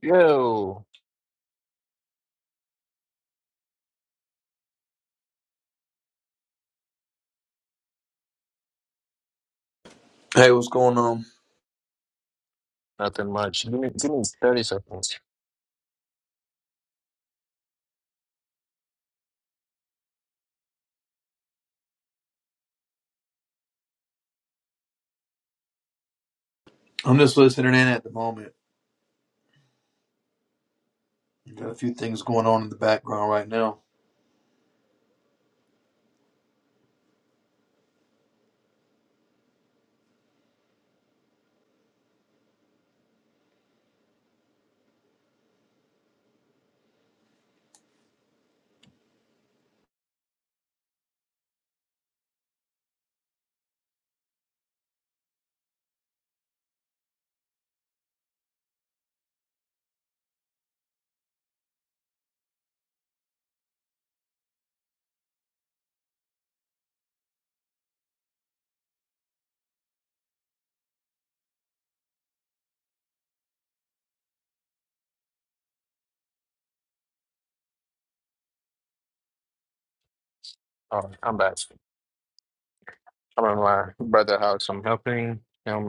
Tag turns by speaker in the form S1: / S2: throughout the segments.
S1: Yo,
S2: Hey, what's going on?
S1: nothing much. Give me, give me 30 seconds.
S2: I'm just listening in at the moment. I've got a few things going on in the background right now.
S1: All right, I'm back. I'm in my brother house. I'm helping him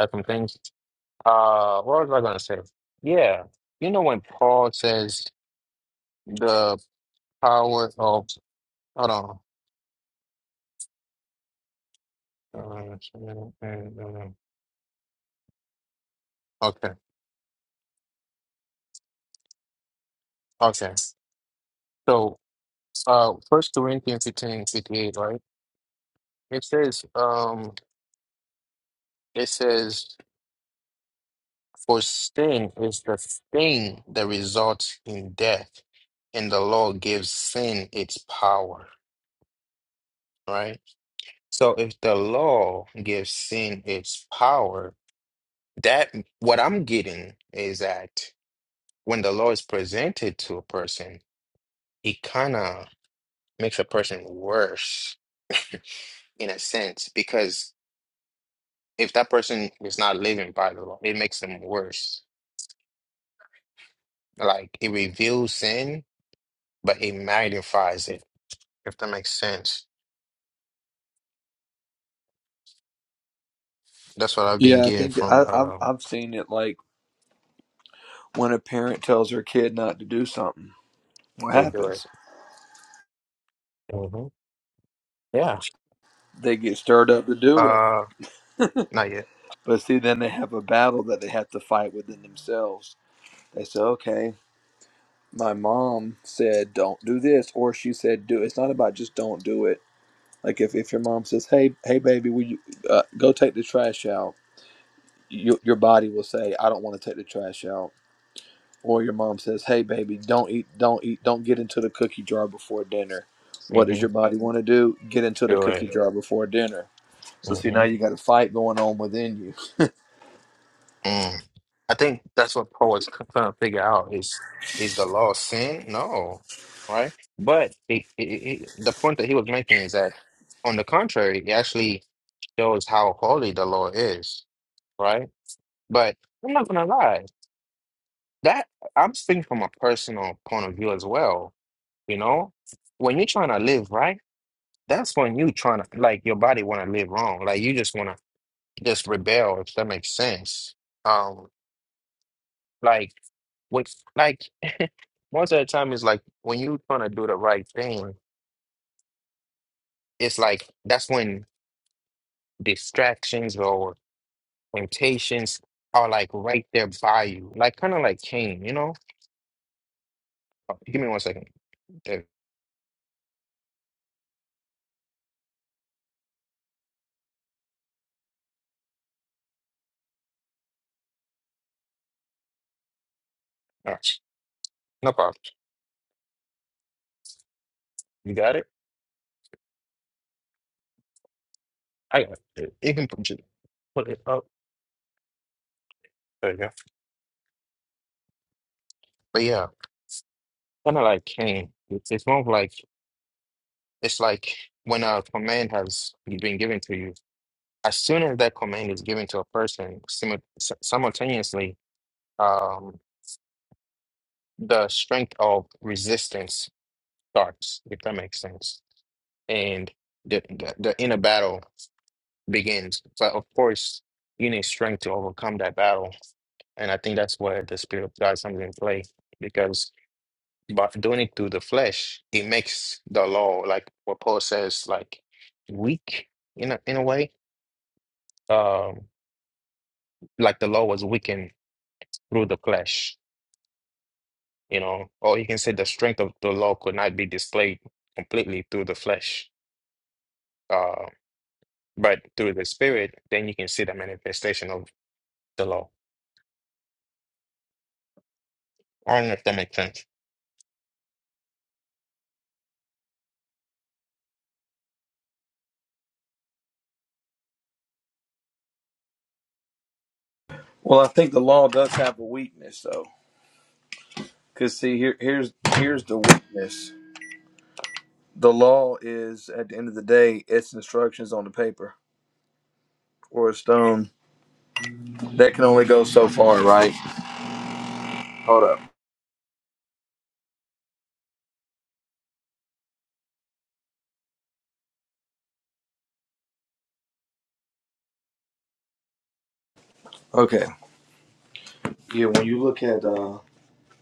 S1: helping things. Uh, what was I gonna say? Yeah, you know when Paul says the power of hold on. Uh, Okay, okay. So, uh, First Corinthians 15 58, right? It says, um, it says. For sin is the thing that results in death, and the law gives sin its power, right? So if the law gives sin its power, that what I'm getting is that when the law is presented to a person, it kind of makes a person worse in a sense, because if that person is not living by the law, it makes them worse. Like it reveals sin, but it magnifies it, if that makes sense. That's what I've been
S2: Yeah, I
S1: getting
S2: think
S1: from
S2: I, I've
S1: um
S2: I've seen it like when a parent tells their kid not to do something, what
S1: they do it.
S2: happens?
S1: hmm Yeah.
S2: They get stirred up to do it,
S1: Uh not yet.
S2: but see, then they have a battle that they have to fight within themselves. They say, "Okay, my mom said don't do this," or she said, "Do." It's not about just don't do it. Like if, if your mom says, "Hey, hey, baby, will you uh, go take the trash out?" Your, your body will say, "I don't want to take the trash out." or your mom says, "Hey, baby, don't eat, don't eat, don't get into the cookie jar before dinner." What does
S1: hmm
S2: your body want to do? Get into the
S1: Do
S2: cookie
S1: it.
S2: jar before dinner. So see, now
S1: hmm
S2: you got a fight going on within you.
S1: Mm. I think that's what Paul was c- trying to figure out is is the law sin? No. Right? But it, it, it, the point that he was making is that on the contrary, it actually shows how holy the law is, right? But I'm not gonna lie, that I'm speaking from a personal point of view as well, you know? When you're trying to live right that's when you trying to like your body want to live wrong like you just want to just rebel if that makes sense um like with like most of the time is like when you trying to do the right thing it's like that's when distractions or temptations are like right there by you like kind of like Cain you know Oh, give me one second there. All right. no problem you got it I got it you can put it put it up there you go but yeah kind of like Cain it's, it's more of like It's like when a command has been given to you, as soon as that command is given to a person, simu- s- simultaneously, um, the strength of resistance starts, if that makes sense. And the, the, the inner battle begins. But of course, you need strength to overcome that battle. And I think that's where the Spirit of God comes in play because by doing it through the flesh, it makes the law, like what Paul says, like weak in a, in a way um, like the law was weakened through the flesh, you know, or you can say the strength of the law could not be displayed completely through the flesh, uh, but through the spirit, then you can see the manifestation of the law. I don't know if that makes sense.
S2: Well, I think the law does have a weakness, though, because see, here, here's here's the weakness. The law is, at the end of the day, it's instructions on the paper or a stone that can only go so far, right? Hold up. Okay. Yeah, when you look at uh,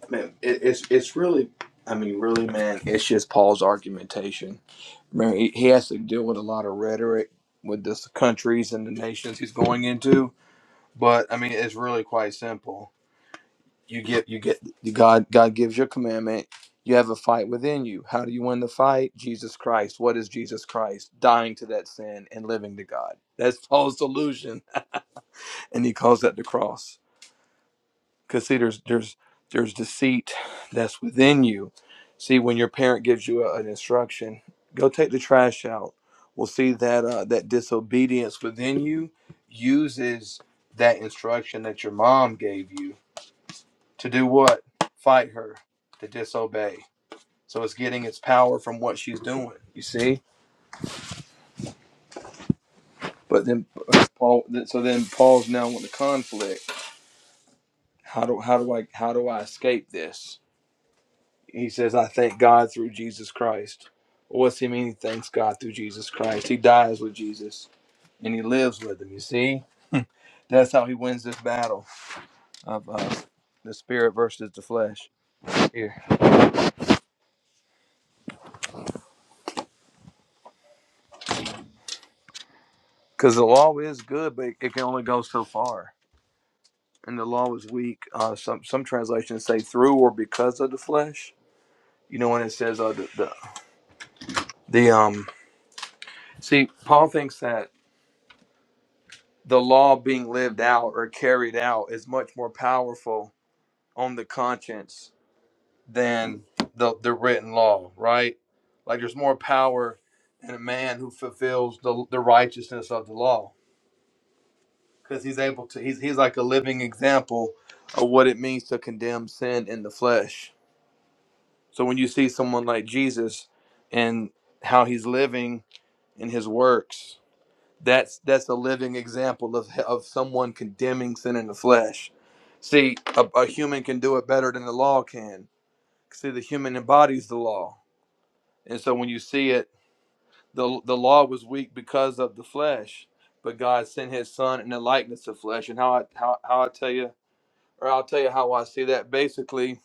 S2: Man, it, it's it's really, I mean, really, man, it's just Paul's argumentation. Man, he, he has to deal with a lot of rhetoric with the countries and the nations he's going into. But I mean, it's really quite simple. You get you get God God gives you a commandment. You have a fight within you. How do you win the fight? Jesus Christ. What is Jesus Christ? Dying to that sin and living to God. That's Paul's solution, and he calls that the cross. because see there's there's there's deceit that's within you see when your parent gives you a, an instruction go take the trash out we'll see that uh, that disobedience within you uses that instruction that your mom gave you to do what fight her to disobey so it's getting its power from what she's doing you see but then uh, paul so then paul's now in the conflict how do how do i how do i escape this He says, I thank God through Jesus Christ. Well, What's he mean? He thanks God through Jesus Christ. He dies with Jesus and he lives with him. You see? That's how he wins this battle of uh, the spirit versus the flesh here. Because the law is good, but it can only go so far. And the law is weak. Uh, some some translations say through or because of the flesh. You know when it says uh, the, the the um. See, Paul thinks that the law being lived out or carried out is much more powerful on the conscience than the, the written law, right? Like there's more power in a man who fulfills the, the righteousness of the law because he's able to, he's, he's like a living example of what it means to condemn sin in the flesh. So when you see someone like Jesus and how he's living in his works, that's that's a living example of, of someone condemning sin in the flesh. See, a, a human can do it better than the law can. See, the human embodies the law And so when you see it, the the law was weak because of the flesh, but God sent His Son in the likeness of flesh. And how I how, how I tell you, or I'll tell you how I see that. Basically,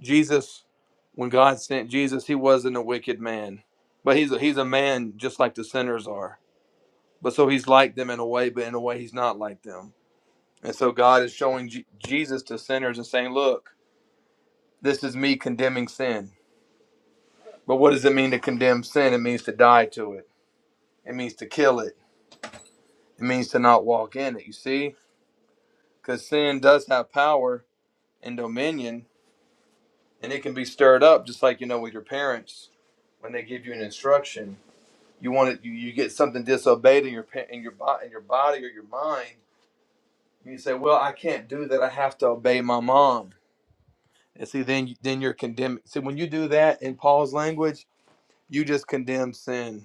S2: Jesus, when God sent Jesus, He wasn't a wicked man, but He's a, He's a man just like the sinners are. But so He's like them in a way, but in a way He's not like them. And so God is showing Je- Jesus to sinners and saying, "Look, this is me condemning sin." But what does it mean to condemn sin? It means to die to it. It means to kill it It means to not walk in it, you see? Because sin does have power and dominion, and it can be stirred up just like, you know, with your parents when they give you an instruction. You want it, you, you get something disobeyed in your pa- in your body in your body or your mind. And you say, "Well, I can't do that. I have to obey my mom." And see, then you- then you're condemning. See, when you do that in Paul's language, you just condemn sin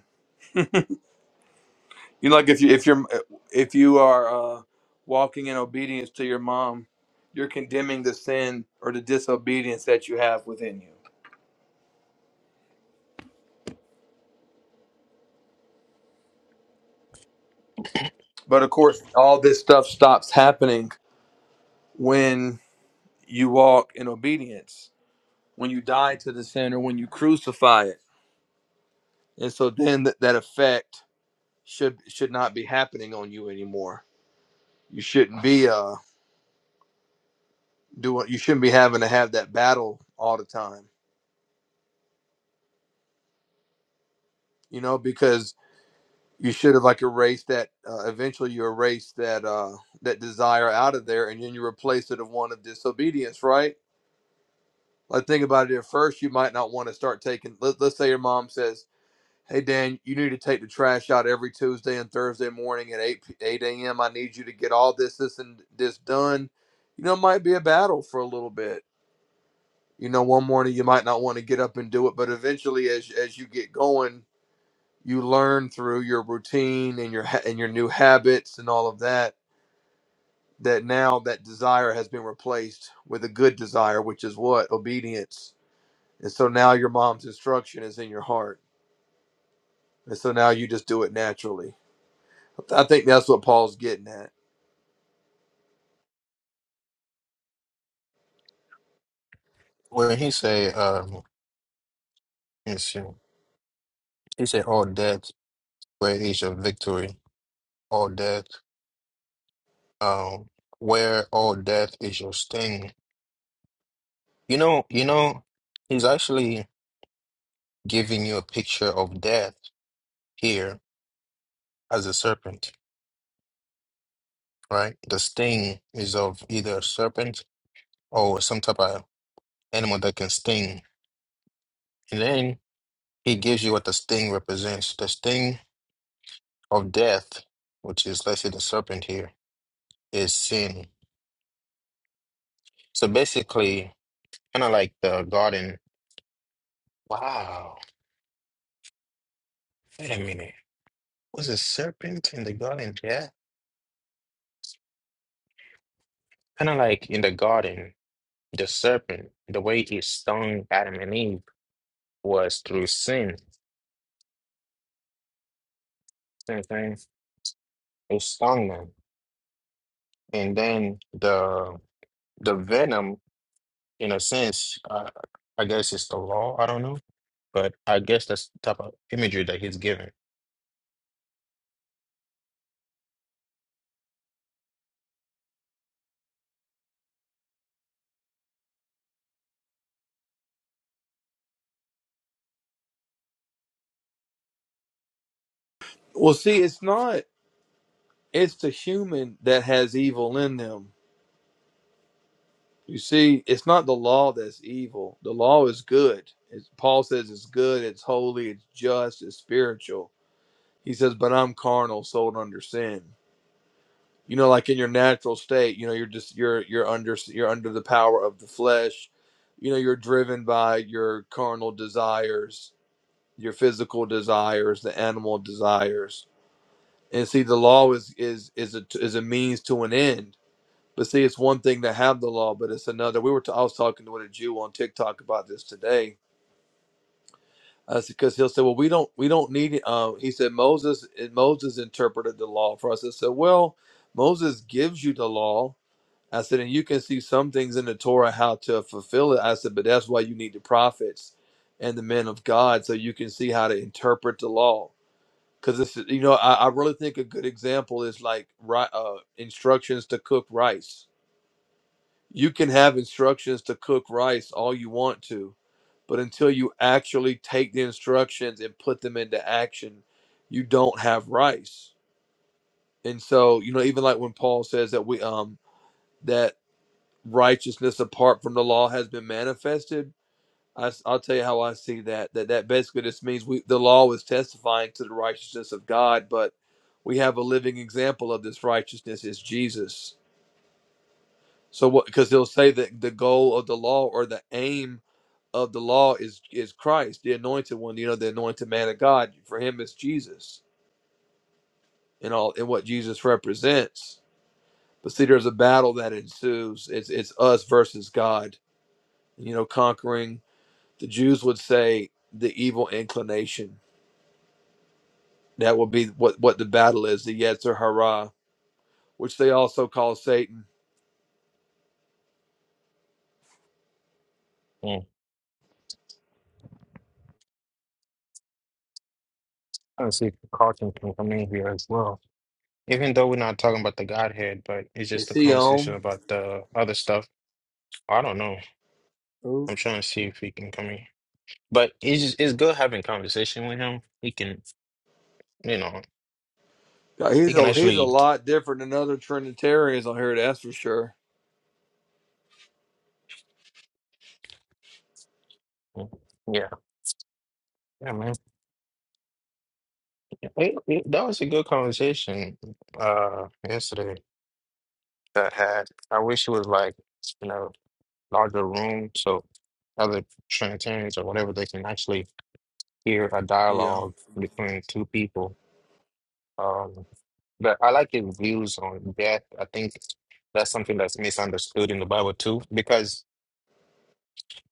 S2: You know, like if you if you're if you are uh, walking in obedience to your mom, you're condemning the sin or the disobedience that you have within you. But of course, all this stuff stops happening when you walk in obedience, when you die to the sin or when you crucify it. And so then that that effect should should not be happening on you anymore. You shouldn't be uh doing you shouldn't be having to have that battle all the time, you know, because you should have like erased that uh, eventually you erase that uh that desire out of there and then you replace it with one of disobedience right like think about it at first you might not want to start taking let, let's say your mom says hey dan you need to take the trash out every tuesday and thursday morning at 8 p- 8 a.m i need you to get all this this and this done you know it might be a battle for a little bit you know one morning you might not want to get up and do it but eventually as as you get going you learn through your routine and your ha- and your new habits and all of that that now that desire has been replaced with a good desire which is what obedience and so now your mom's instruction is in your heart and so now you just do it naturally i think that's what paul's getting at
S1: When he say, um, let me see. he said, all death, where is your victory? All death, um, where all death is your sting? You know, you know, he's actually giving you a picture of death here as a serpent right? The sting is of either a serpent or some type of animal that can sting. And then he gives you what the sting represents. The sting of death, which is, let's say, the serpent here, is sin. So basically, kind of like the garden. Wow. Wait a minute. Was a serpent in the garden? Yeah. Kind of like in the garden, the serpent, the way it stung Adam and Eve was through sin. Same thing. It stung them. And then the the venom, in a sense, uh, I guess it's the law. I don't know, but I guess that's the type of imagery that he's given.
S2: well see it's not it's the human that has evil in them you see it's not the law that's evil the law is good it's, paul says it's good it's holy it's just it's spiritual He says, "But I'm carnal, sold under sin." You know, like in your natural state, you know, you're just you're you're under you're under the power of the flesh. You know, you're driven by your carnal desires, your physical desires, the animal desires. And see, the law is is is a is a means to an end. But see, it's one thing to have the law, but it's another. We were t- I was talking to a Jew on TikTok about this today That's because he'll say, "Well, we don't, we don't need." it." Uh, he said, "Moses, Moses interpreted the law for us." I said, "Well, Moses gives you the law." I said, "And you can see some things in the Torah how to fulfill it." I said, "But that's why you need the prophets and the men of God, so you can see how to interpret the law." Because it's, you know, I, I really think a good example is like ri- uh, instructions to cook rice. You can have instructions to cook rice all you want to, but until you actually take the instructions and put them into action, you don't have rice. And so, you know, even like when Paul says that we um that righteousness apart from the law has been manifested, I, will tell you how I see that. That that basically just means we the law is testifying to the righteousness of God, but we have a living example of this righteousness is Jesus. So what? Because he'll say that the goal of the law or the aim of the law is is Christ, the anointed one, you know, the anointed man of God. For him is Jesus and all and what Jesus represents. But see, there's a battle that ensues. It's it's us versus God. You know, conquering the Jews would say the evil inclination. That will be what what the battle is, the Yetzer Hara, which they also call Satan.
S1: Mm. I see if Carlton can come in here as well. Even though we're not talking about the Godhead, but it's just
S2: Is
S1: a
S2: he
S1: conversation
S2: on?
S1: about the other stuff. I don't know.
S2: Ooh.
S1: I'm trying to see if he can come in. But it's just, it's good having conversation with him. He can, you know,
S2: God,
S1: he
S2: He's
S1: can
S2: a he's a
S1: actually,
S2: lot different than other Trinitarians on here, that's for sure.
S1: yeah, yeah, man. It- it- that was a good conversation uh yesterday. that had. I wish it was like you know larger room so other Trinitarians or whatever they can actually hear a
S2: Yeah.
S1: dialogue between two people. Um, but I like his views on death. I think that's something that's misunderstood in the Bible too, because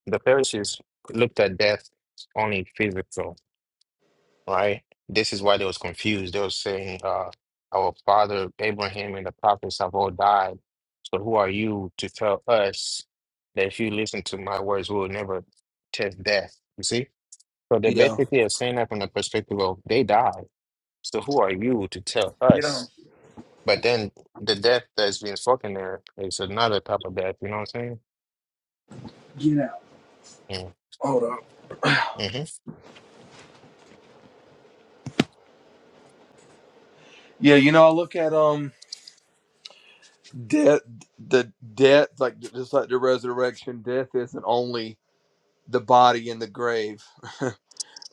S1: the Pharisees looked at death only physical. right? This is why they was confused. They was saying, uh, our father Abraham and the prophets have all died. So who are you to tell us that if you listen to my words, we will never test death? You see? So they
S2: Yeah.
S1: basically are saying that from the perspective of they died. So who are you to tell
S2: Get on.
S1: us? But then the death that's being spoken there is another type of death. You know what I'm saying?
S2: Get out.
S1: Mm-hmm.
S2: hold on.
S1: Mm-hmm.
S2: Yeah, you know, I look at um death, the death, like just like the resurrection, death isn't only the body in the grave,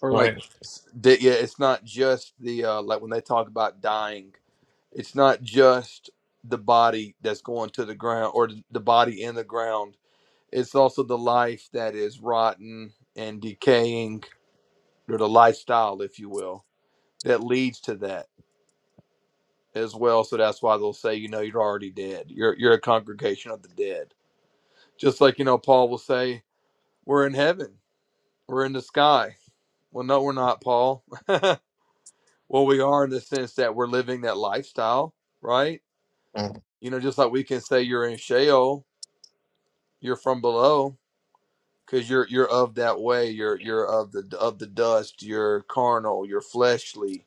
S2: or like,
S1: Right.
S2: de- yeah, it's not just the uh, like when they talk about dying, it's not just the body that's going to the ground or th- the body in the ground. It's also the life that is rotten and decaying, or the lifestyle, if you will, that leads to that as well. So that's why they'll say, you know, you're already dead. You're you're a congregation of the dead Just like, you know, Paul will say, we're in heaven, we're in the sky. Well, no, we're not, Paul. Well, we are in the sense that we're living that lifestyle, right?
S1: Mm-hmm.
S2: You know, just like we can say you're in Sheol, you're from below because you're you're of that way. You're you're of the of the dust. You're carnal. You're fleshly.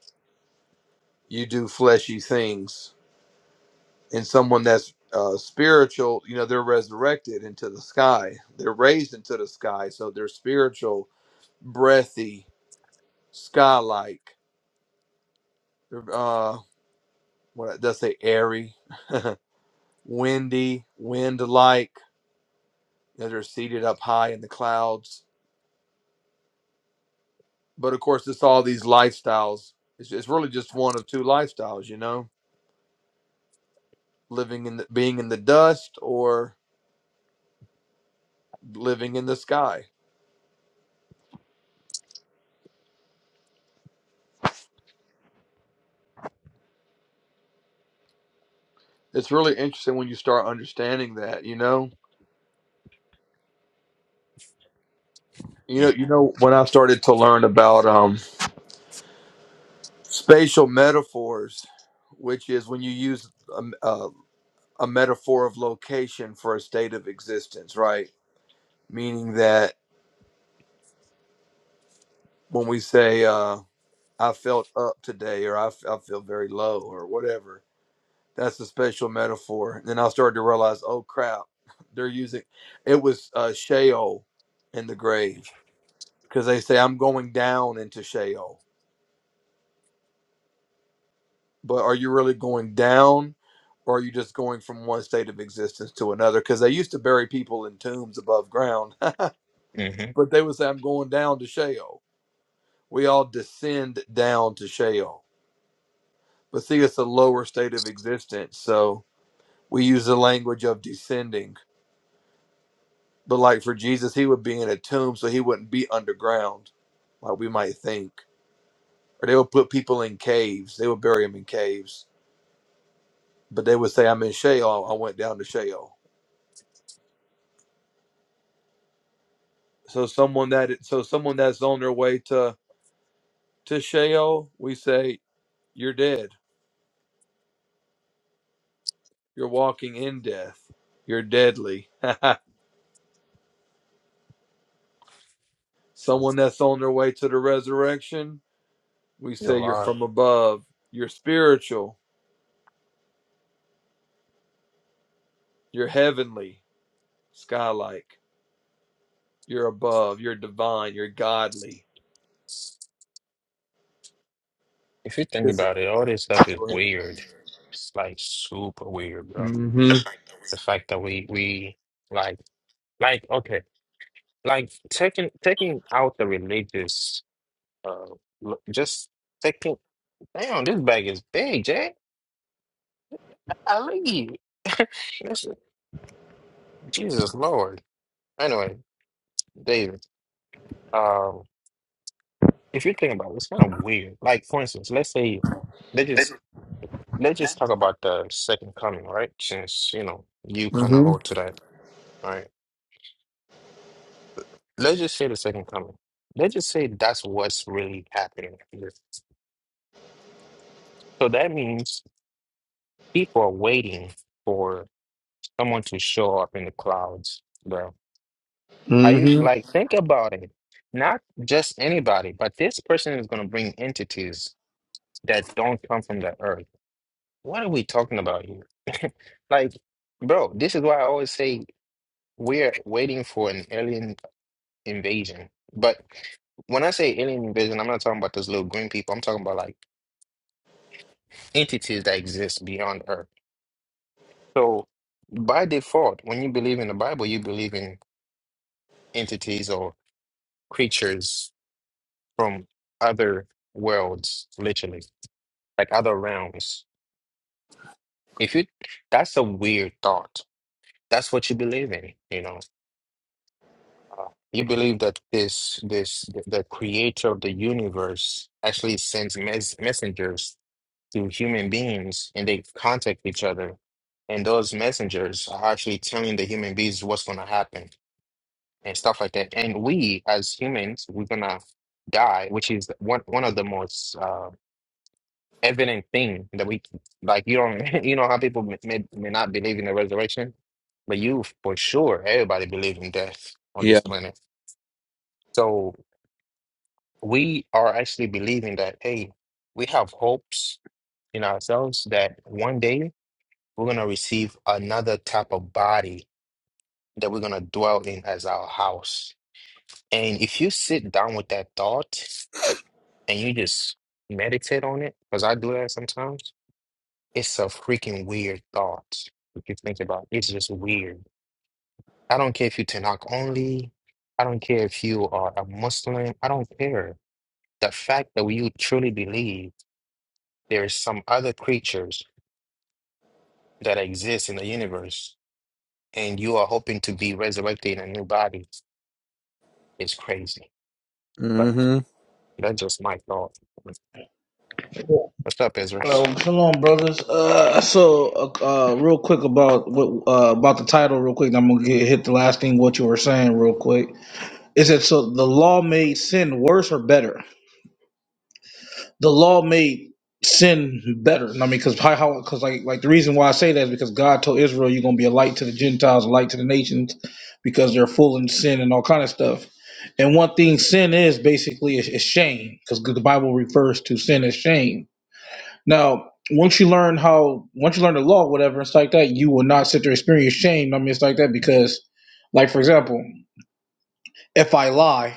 S2: You do fleshy things. And someone that's uh, spiritual, you know, they're resurrected into the sky. They're raised into the sky, so they're spiritual, breathy, sky-like Uh, what does say? Airy, windy, wind-like. they are seated up high in the clouds. But of course, it's all these lifestyles. It's, it's really just one of two lifestyles, you know, living in the, being in the dust or living in the sky. It's really interesting when you start understanding that, you know. You know, you know when I started to learn about um, spatial metaphors, which is when you use um, uh. a metaphor of location for a state of existence, right? Meaning that when we say, uh, I felt up today, or I, f- I feel very low, or whatever, that's a special metaphor. And then I started to realize, oh crap, they're using it was uh, Sheol in the grave because they say, I'm going down into Sheol. But are you really going down, or are you just going from one state of existence to another? Because they used to bury people in tombs above ground, but they would say, I'm going down to Sheol we all descend down to Sheol. But see, it's a lower state of existence. So we use the language of descending. But like for Jesus, he would be in a tomb, so he wouldn't be underground, like we might think. Or they would put people in caves, they would bury them in caves. But they would say, I'm in Sheol, I went down to Sheol. So someone that so someone that's on their way to to Sheol, we say, You're dead. You're walking in death. You're deadly. Someone that's on their way to the resurrection, we say you're
S1: Mm-hmm.
S2: from above. You're spiritual. You're heavenly, sky like. You're above. You're divine. You're godly.
S1: If you think
S2: This is-
S1: about it, all this stuff is
S2: Mm-hmm.
S1: weird. It's like super weird, bro. The fact that we we like like okay, like taking taking out the religious uh l- just taking damn this bag is big, Jay. I leave. Jesus Lord. Anyway, David, um if you think about it, it's kind of weird. Like for instance, let's say let's just let's
S2: Mm-hmm.
S1: just talk about the second coming, right? Since you know you kind of hold to that, right? Let's just say the second coming. Let's just say that's what's really happening here. So that means people are waiting for someone to show up in the clouds, bro. Are you
S2: Mm-hmm.
S1: like think about it? Not just anybody, but this person is going to bring entities that don't come from the earth. What are we talking about here? Like, bro, this is why I always say we're waiting for an alien invasion. But when I say alien invasion, I'm not talking about those little green people. I'm talking about like entities that exist beyond Earth. So, by default, when you believe in the Bible, you believe in entities or creatures from other worlds, literally, like other realms. If you, that's a weird thought. That's what you believe in, you know. Uh, you believe that this, this, the the creator of the universe actually sends mes messengers to human beings, and they contact each other, and those messengers are actually telling the human beings what's going to happen and stuff like that. And we, as humans, we're gonna die, which is one one of the most uh, evident thing that we like. You don't, you know how people may, may may not believe in the resurrection, but you for sure, everybody believe in death on
S2: Yeah.
S1: this planet. So we are actually believing that hey, we have hopes in ourselves that one day we're gonna receive another type of body that we're gonna dwell in as our house. And if you sit down with that thought and you just meditate on it, because I do that sometimes, it's a freaking weird thought. If you think about it, it's just weird. I don't care if you Tanakh only. I don't care if you are a Muslim. I don't care. The fact that you truly believe there is some other creatures that exist in the universe and you are hoping to be resurrected in a new body is crazy. But
S2: Mm-hmm.
S1: that's just my thought. What's up, Ezra?
S3: Um, shalom, brothers. Uh, so, uh, uh, real quick about what uh, about the title, real quick. and I'm gonna get hit the last thing what you were saying, real quick. Is that so? The law made sin worse or better? The law made sin better. I mean, because how? how- Because like, like the reason why I say that is because God told Israel, "You're gonna be a light to the Gentiles, a light to the nations, because they're full in sin and all kind of stuff." And one thing sin is basically is, is shame, because the Bible refers to sin as shame Now, once you learn how, once you learn the law, whatever, it's like that, you will not sit there and experience shame. I mean, it's like that because, like, for example, if I lie,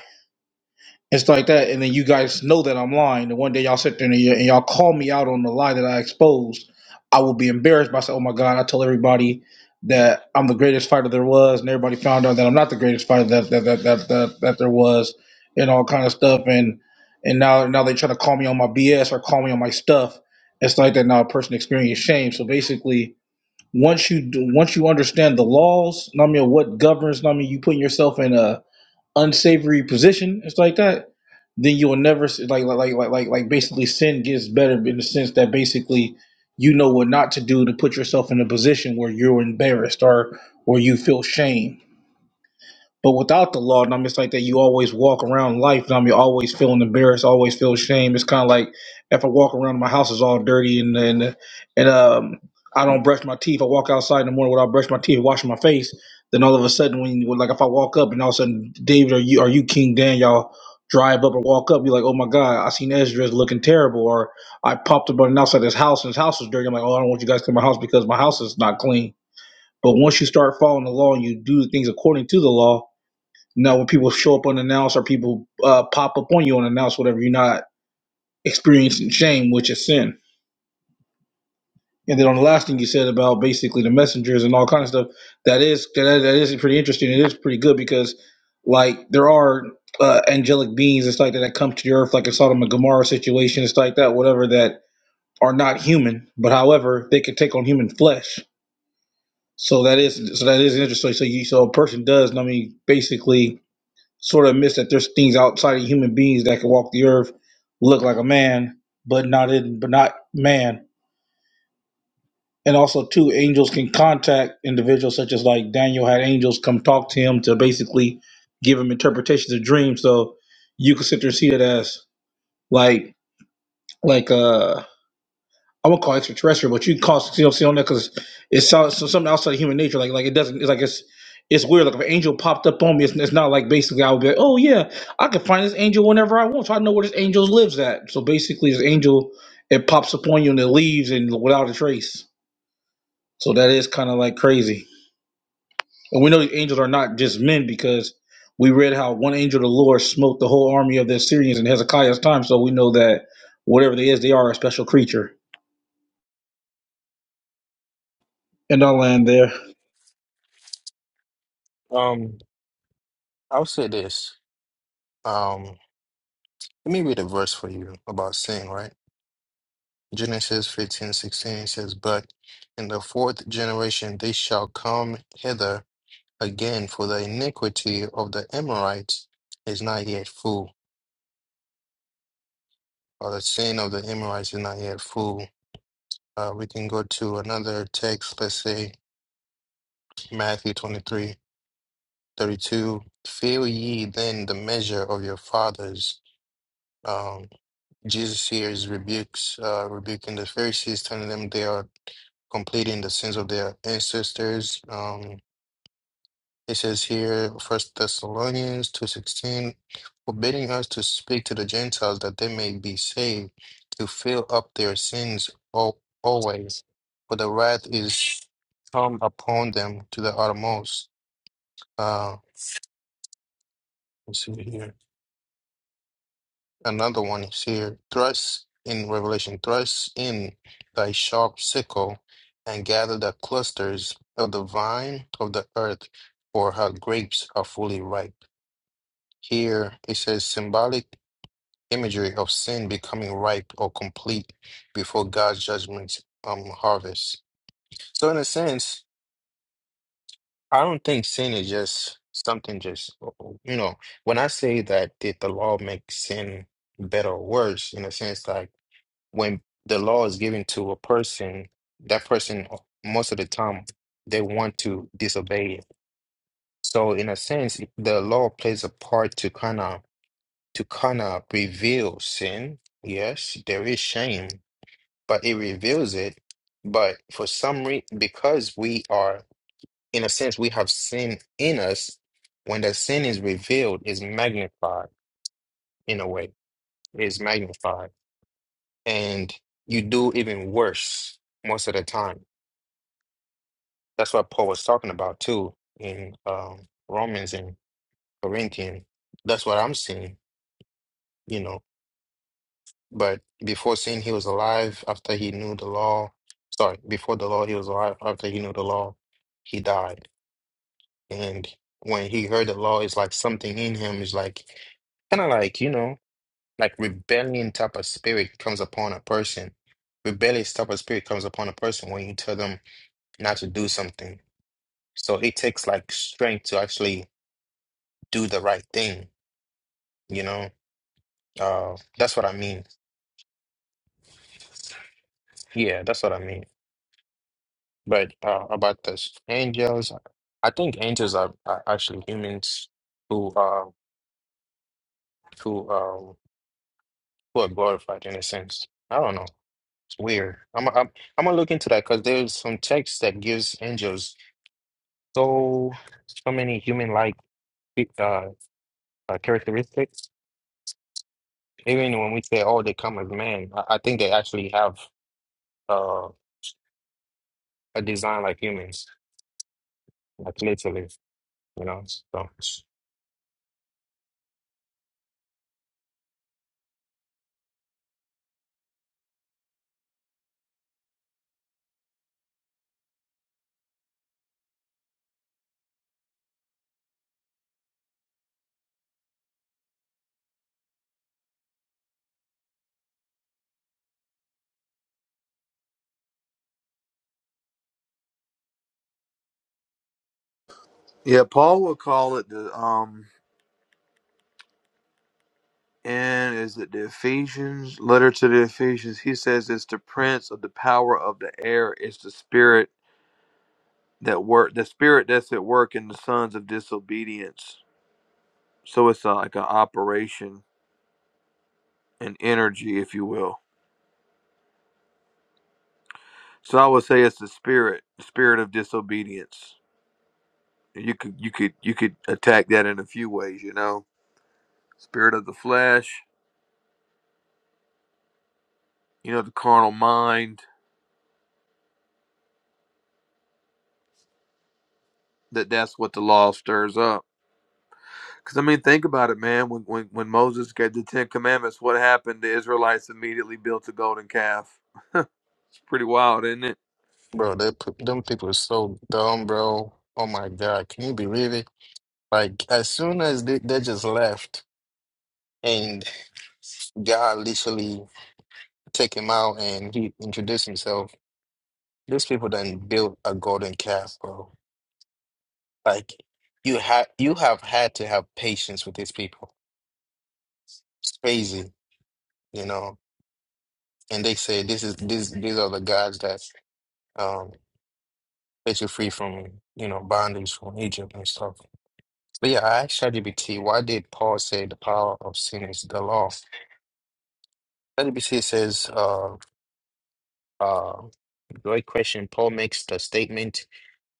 S3: it's like that, and then you guys know that I'm lying. And one day y'all sit there and, y- and y'all call me out on the lie that I exposed. I will be embarrassed by saying, "Oh my God!" I told everybody that I'm the greatest fighter there was, and everybody found out that I'm not the greatest fighter that that that that that, that there was, and all kind of stuff. And and now now they try to call me on my BS or call me on my stuff. It's like that now. A person experiences shame. So basically, once you do, once you understand the laws, I mean, what governs, I mean, you putting yourself in a unsavory position. It's like that. Then you will never like like like like like like basically sin gets better in the sense that basically you know what not to do to put yourself in a position where you're embarrassed or or you feel shame but without the law, and I'm just like that, you always walk around life, and I'm you always feeling embarrassed, always feel shame. It's kind of like if I walk around, my house is all dirty, and and and um, I don't brush my teeth. I walk outside in the morning without brushing my teeth, washing my face. Then all of a sudden, when you, like if I walk up, and all of a sudden, David, are you are you King Dan? Y'all drive up or walk up, you're like, oh my god, I seen Ezra's looking terrible, or I popped up on the outside of his house, and his house is dirty. I'm like, oh, I don't want you guys to my house because my house is not clean. But once you start following the law and you do things according to the law now, when people show up unannounced or people uh, pop up on you unannounced, whatever, you're not experiencing shame, which is sin. And then on the last thing you said about basically the messengers and all kind of stuff, that is that, that is pretty interesting. It is pretty good because like there are uh, angelic beings and stuff like that that come to the earth, like a Sodom and Gomorrah situation, it's like that, whatever that are not human, but however they can take on human flesh. So that is so that is interesting. So you so a person does. I mean, basically sort of admits that there's things outside of human beings that can walk the earth, look like a man, but not in, but not man. And also, too, angels can contact individuals, such as like Daniel had angels come talk to him to basically give him interpretations of dreams. So you could sit there and see that as like like uh I won't call it extraterrestrial, but you can call it CLC on that because it's so, so something outside of human nature. Like like it doesn't. It's like it's it's weird. Like if an angel popped up on me, it's, it's not like basically I would be like, oh yeah, I can find this angel whenever I want. So I know where this angel lives at. So basically, this angel it pops up on you and it leaves and without a trace. So that is kind of like crazy. And we know these angels are not just men because we read how one angel of the Lord smote the whole army of the Assyrians in Hezekiah's time. So we know that whatever they is, they are a special creature. And I'll land there.
S1: Um, I'll say this. Um. Let me read a verse for you about sin, right? Genesis 15:16 says, But in the fourth generation they shall come hither again, for the iniquity of the Amorites is not yet full, or the sin of the Amorites is not yet full. Uh, we can go to another text, let's say Matthew 23:32. 32. Fill ye then the measure of your fathers. Um, Jesus here is rebukes, uh, rebuking the Pharisees, telling them they are completing the sins of their ancestors. Um, it says here, First Thessalonians two sixteen, forbidding us to speak to the Gentiles that they may be saved, to fill up their sins al- always, for the wrath is come upon them to the uttermost. Uh, let's see here. Another one is here. Thrust in Revelation, thrust in thy sharp sickle and gather the clusters of the vine of the earth, for her grapes are fully ripe. Here it says symbolic imagery of sin becoming ripe or complete before God's judgment um harvest. So in a sense, I don't think sin is just something just you know, when I say that did the law make sin better or worse, in a sense like when the law is given to a person, that person most of the time they want to disobey it. So in a sense, the law plays a part to kind of to kind of reveal sin. Yes, there is shame, but it reveals it. But for some reason, because we are in a sense we have sin in us, when the sin is revealed, is magnified in a way, is magnified, and you do even worse most of the time That's what Paul was talking about too in um, Romans and Corinthians. That's what I'm seeing, you know. But before sin, he was alive. After he knew the law, sorry, before the law, he was alive. After he knew the law, he died. And when he heard the law, it's like something in him is like kind of like you know like rebellion type of spirit comes upon a person rebellious type of spirit comes upon a person when you tell them not to do something so it takes like strength to actually do the right thing, you know? Uh, that's what I mean. Yeah, that's what I mean. But uh, about the angels, I think angels are, are actually humans who uh who um who are glorified in a sense. I don't know. It's weird. I'm I'm, I'm gonna look into that because there's some text that gives angels so so many human-like uh, uh characteristics. Even when we say, "Oh, they come as man," I, I think they actually have uh a design like humans, like literally. You know, so
S2: Yeah, Paul would call it the um and is it the Ephesians letter to the Ephesians. He says it's the prince of the power of the air. It's the spirit that work the spirit that's at work in the sons of disobedience. So it's a, like an operation, an energy, if you will. So I would say it's the spirit, the spirit of disobedience. And You could you could you could attack that in a few ways, you know. Spirit of the flesh, you know, the carnal mind. That that's what the law stirs up. Because I mean, think about it, man. When, when when Moses got the Ten Commandments, what happened? The Israelites immediately built a golden calf. It's pretty wild, isn't it?
S1: Bro, that, p- them people are so dumb, bro. Oh my God, can you believe it? Like, as soon as they, they just left and God literally take him out and he introduced himself, these people then built a golden calf, bro. Like, you have you have had to have patience with these people. It's crazy, you know. And they say this is this these are the gods that um set you free from you know bondage from Egypt and stuff. But yeah, I asked ChatGPT, why did Paul say the power of sin is the law? ChatGPT says, uh, uh, great question. Paul makes the statement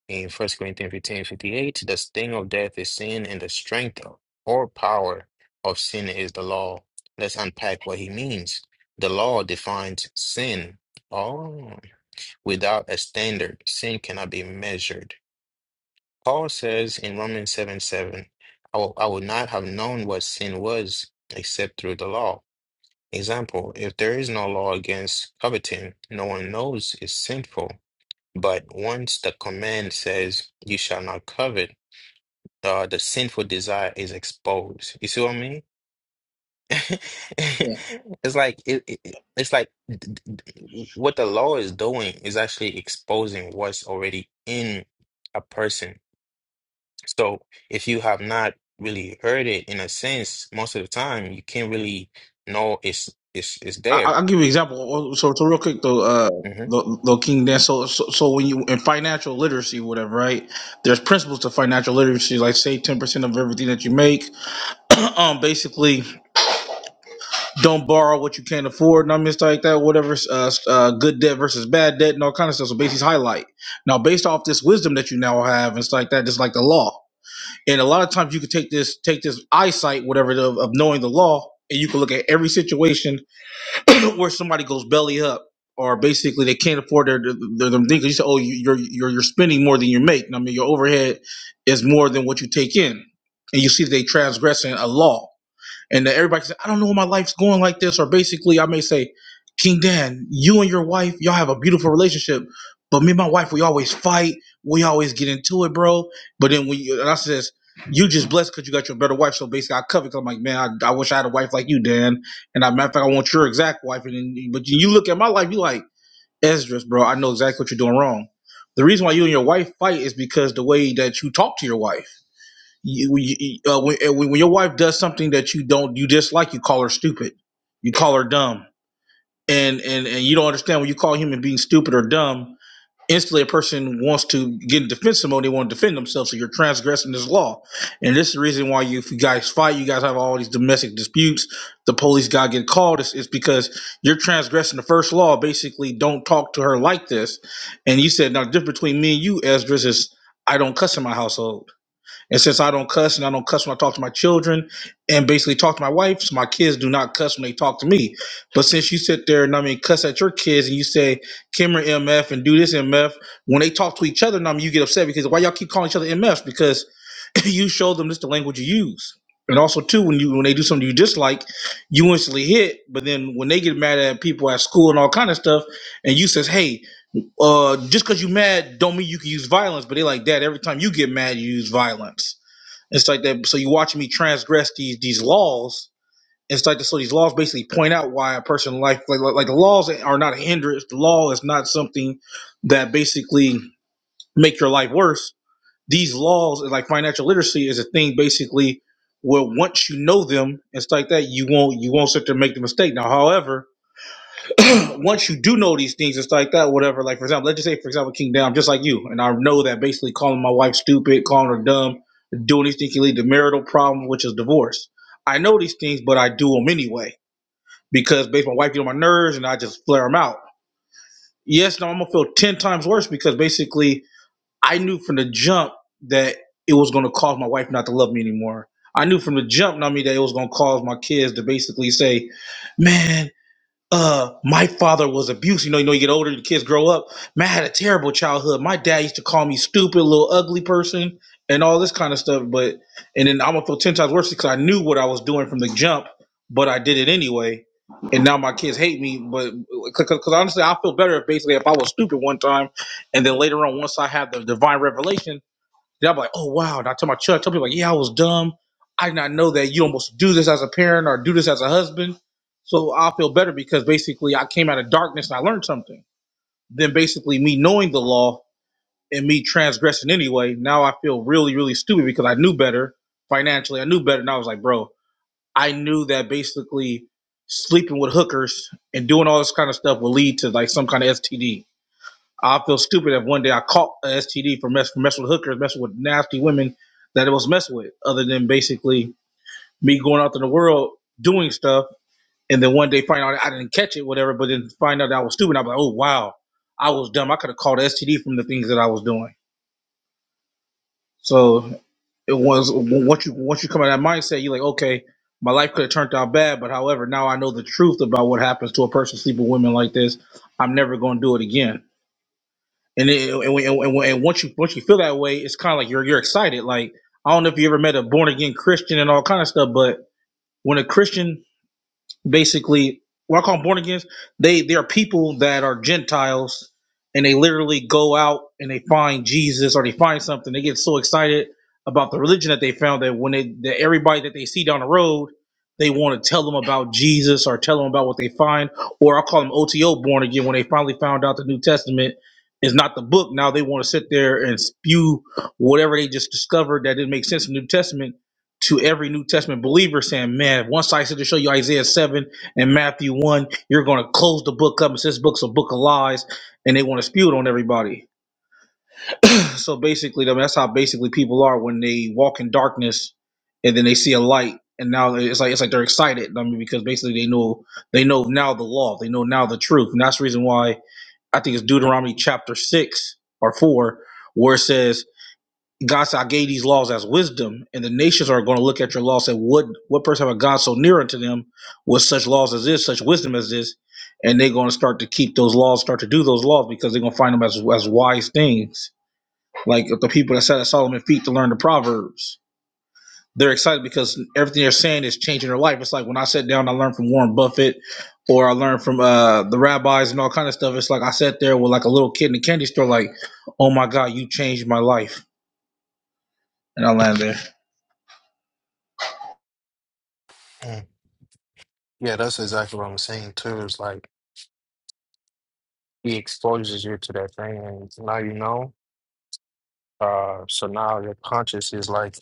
S1: in First Corinthians 15 58, the sting of death is sin, and the strength or power of sin is the law. Let's unpack what he means. The law defines sin. Oh, without a standard, sin cannot be measured. Paul says in Romans 7 7, I will, I would not have known what sin was except through the law. Example, if there is no law against coveting, no one knows it's sinful. But once the command says, you shall not covet, uh, the sinful desire is exposed. You see what I mean? It's like it, it, it's like d- d- d- what the law is doing is actually exposing what's already in a person. So if you have not really heard it in a sense, most of the time you can't really know it's it's it's
S3: I,
S1: there.
S3: I'll give you an example. Oh, oh, So, so real quick though, uh,
S1: hmm
S3: though, though King Dan. So, so, so when you in financial literacy, whatever, right? There's principles to financial literacy, like save ten percent of everything that you make. um, basically, don't borrow what you can't afford, and I mean, stuff like that. Whatever, uh, uh, good debt versus bad debt, and all kind of stuff. So, basically, highlight. Now, based off this wisdom that you now have and stuff like that, just like the law. And a lot of times, you can take this, take this eyesight, whatever, of, of knowing the law, and you can look at every situation where somebody goes belly up or basically they can't afford their their, their thing. 'Cause You say, oh, you're you're you're spending more than you make. I mean, your overhead is more than what you take in, and you see they transgressing a law and then everybody says, I don't know why my life's going like this. Or basically, I may say, King Dan, you and your wife, y'all have a beautiful relationship, but me and my wife, we always fight. We always get into it, bro. But then when you, and I says, you just blessed because you got your better wife. So basically, I cover I'm like, man, I, I wish I had a wife like you, Dan. And I, matter of fact, I want your exact wife. And then, but you look at my life, you like, Esdras, bro, I know exactly what you're doing wrong. The reason why you and your wife fight is because the way that you talk to your wife you, you uh, when, uh, when your wife does something that you don't you dislike you call her stupid you call her dumb and and and you don't understand when you call a human being stupid or dumb instantly a person wants to get in defensive mode they want to defend themselves so you're transgressing this law and this is the reason why you if you guys fight you guys have all these domestic disputes the police got to get called it's, it's because you're transgressing the first law basically don't talk to her like this and you said now the difference between me and you Esdras is I don't cuss in my household and since I don't cuss and I don't cuss when I talk to my children and basically talk to my wife, so my kids do not cuss when they talk to me. But since you sit there and I mean cuss at your kids and you say Kimmer MF and do this MF, when they talk to each other, and I mean you get upset because why y'all keep calling each other MF? Because you show them this the language you use. And also too, when you when they do something you dislike, you instantly hit. But then when they get mad at people at school and all kind of stuff, and you says, "Hey, uh, just because you mad, don't mean you can use violence." But they like, "Dad, every time you get mad, you use violence." It's like that. So you watch me transgress these these laws. It's like so these laws basically point out why a person like like, like the laws are not a hindrance. The law is not something that basically make your life worse. These laws, like financial literacy, is a thing basically where once you know them, it's like that you won't you won't sit there and make the mistake. Now, however, once you do know these things and stuff like that, whatever, like for example, let's just say for example, King Down, just like you, and I know that basically calling my wife stupid, calling her dumb, doing these things can lead to marital problems, which is divorce. I know these things, but I do them anyway because based my wife gets on my nerves and I just flare them out. Yes, now I'm gonna feel ten times worse because basically I knew from the jump that it was gonna cause my wife not to love me anymore. I knew from the jump, not me, that it was gonna cause my kids to basically say, "Man, uh my father was abused you know you know you get older the kids grow up man I had a terrible childhood my dad used to call me stupid little ugly person and all this kind of stuff but and then i'm gonna feel 10 times worse because i knew what i was doing from the jump but i did it anyway and now my kids hate me but because honestly i feel better if basically if i was stupid one time and then later on once i have the divine revelation then I'm like, oh wow. And I tell my church, I tell people like, yeah, I was dumb. I did not know that you don't supposed to do this as a parent or do this as a husband. So I feel better because basically I came out of darkness and I learned something. Then basically me knowing the law and me transgressing anyway, now I feel really, really stupid because I knew better financially. I knew better. And I was like, bro, I knew that basically sleeping with hookers and doing all this kind of stuff will lead to like some kind of STD I feel stupid if one day I caught a STD for mess for messing with hookers, messing with nasty women that it was messing with, other than basically me going out in the world doing stuff and then one day find out I didn't catch it, whatever, but then find out that I was stupid. I'm like, oh wow, I was dumb. I could have caught STD from the things that I was doing. So it was once you once you come out of that mindset, you're like, okay, my life could have turned out bad, but however, now I know the truth about what happens to a person sleeping with women like this. I'm never going to do it again And it, and, when, and, when, and once you once you feel that way, it's kind of like you're you're excited. Like I don't know if you ever met a born again Christian and all kind of stuff, but when a Christian basically what I call born agains. They they are people that are Gentiles, and they literally go out and they find Jesus or they find something. They get so excited about the religion that they found that when they that everybody that they see down the road, they want to tell them about Jesus or tell them about what they find. Or I call them OTO born again when they finally found out the New Testament. Is not the book. Now they want to sit there and spew whatever they just discovered that didn't make sense in the New Testament to every New Testament believer saying, man, once I said to show you Isaiah 7 and Matthew 1, you're going to close the book up and say this book's a book of lies, and they want to spew it on everybody. So basically, I mean, that's how basically people are when they walk in darkness and then they see a light. And now it's like it's like they're excited. I mean, because basically they know they know now the law, they know now the truth, and that's the reason why I think it's Deuteronomy chapter six or four, where it says God said, I gave these laws as wisdom, and the nations are going to look at your laws and say, What what person have a God so near unto them with such laws as this, such wisdom as this? And they're going to start to keep those laws, start to do those laws because they're going to find them as, as wise things. Like the people that sat at Solomon's feet to learn the Proverbs. They're excited because everything they're saying is changing their life. It's like when I sat down, I learned from Warren Buffett or I learned from uh, the rabbis and all kind of stuff. It's like I sat there with like a little kid in a candy store, like, oh my God, you changed my life. And I land there.
S1: Mm. Yeah, that's exactly what I'm saying too. It's like he exposes you to that thing, and now you know. Uh, so now your conscious is like,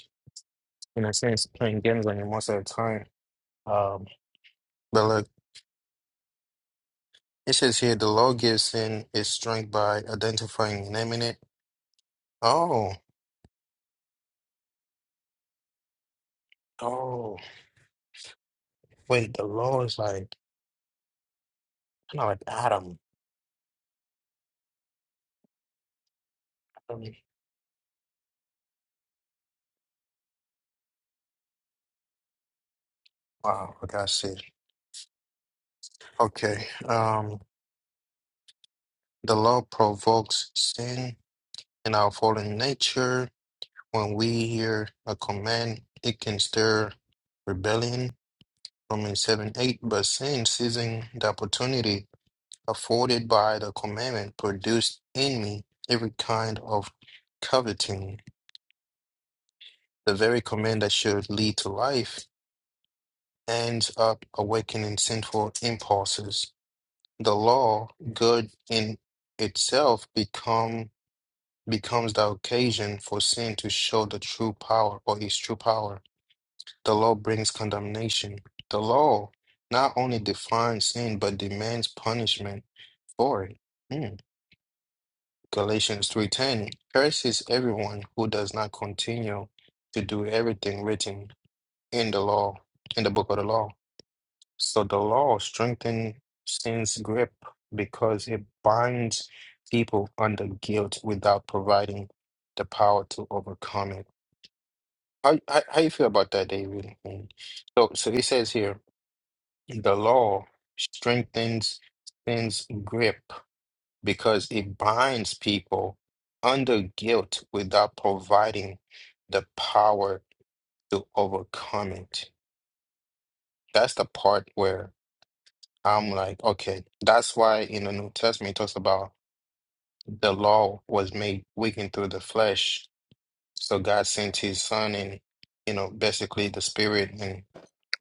S1: in a sense, playing games on you most of the time. Um, but look, it says here the law gives sin its strength by identifying and naming it. Oh, oh, wait, the law is like kind of like Adam. Wow, okay, I got it. Okay. Um, the law provokes sin in our fallen nature. When we hear a command, it can stir rebellion. Romans 7 8. But sin, seizing the opportunity afforded by the commandment, produced in me every kind of coveting. The very command that should lead to life ends up awakening sinful impulses. the law, good in itself, become becomes the occasion for sin to show the true power or its true power. The law brings condemnation. The law not only defines sin but demands punishment for it. Hmm. Galatians 3:10 curses everyone who does not continue to do everything written in the law, in the book of the law. So the law strengthens sin's grip because it binds people under guilt without providing the power to overcome it. How how, how you feel about that, David? Mm. So so it says here the law strengthens sin's grip because it binds people under guilt without providing the power to overcome it. That's the part where I'm like, okay, that's why in the New Testament it talks about the law was made weakened through the flesh. So God sent his son and, you know, basically the spirit and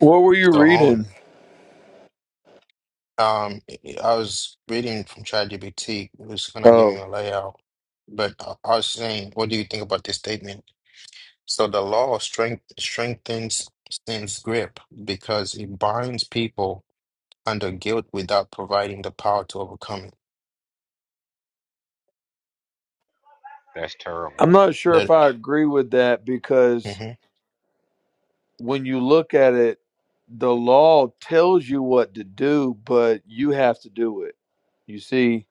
S2: What were you
S1: so on.
S2: reading?
S1: Um, I was reading from ChatGPT, it was kind of giving me
S2: Oh,
S1: a layout, but I I was saying, what do you think about this statement? So the law strength, strengthens sin's grip because it binds people under guilt without providing the power to overcome it.
S2: I'm not sure if
S1: That,
S2: I agree with that because
S1: mm-hmm.
S2: when you look at it, the law tells you what to do, but you have to do it. You see,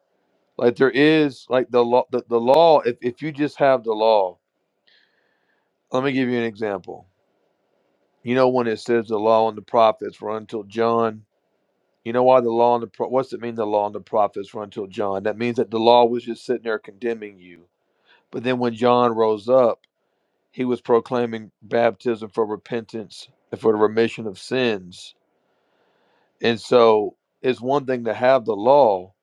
S2: like there is like the law the, the law, if, if you just have the law, let me give you an example. You know when it says the law and the prophets were until John. You know why the law and the pro- what's it mean the law and the prophets were until John? That means that the law was just sitting there condemning you. But then when John rose up, he was proclaiming baptism for repentance and for the remission of sins And so it's one thing to have the law,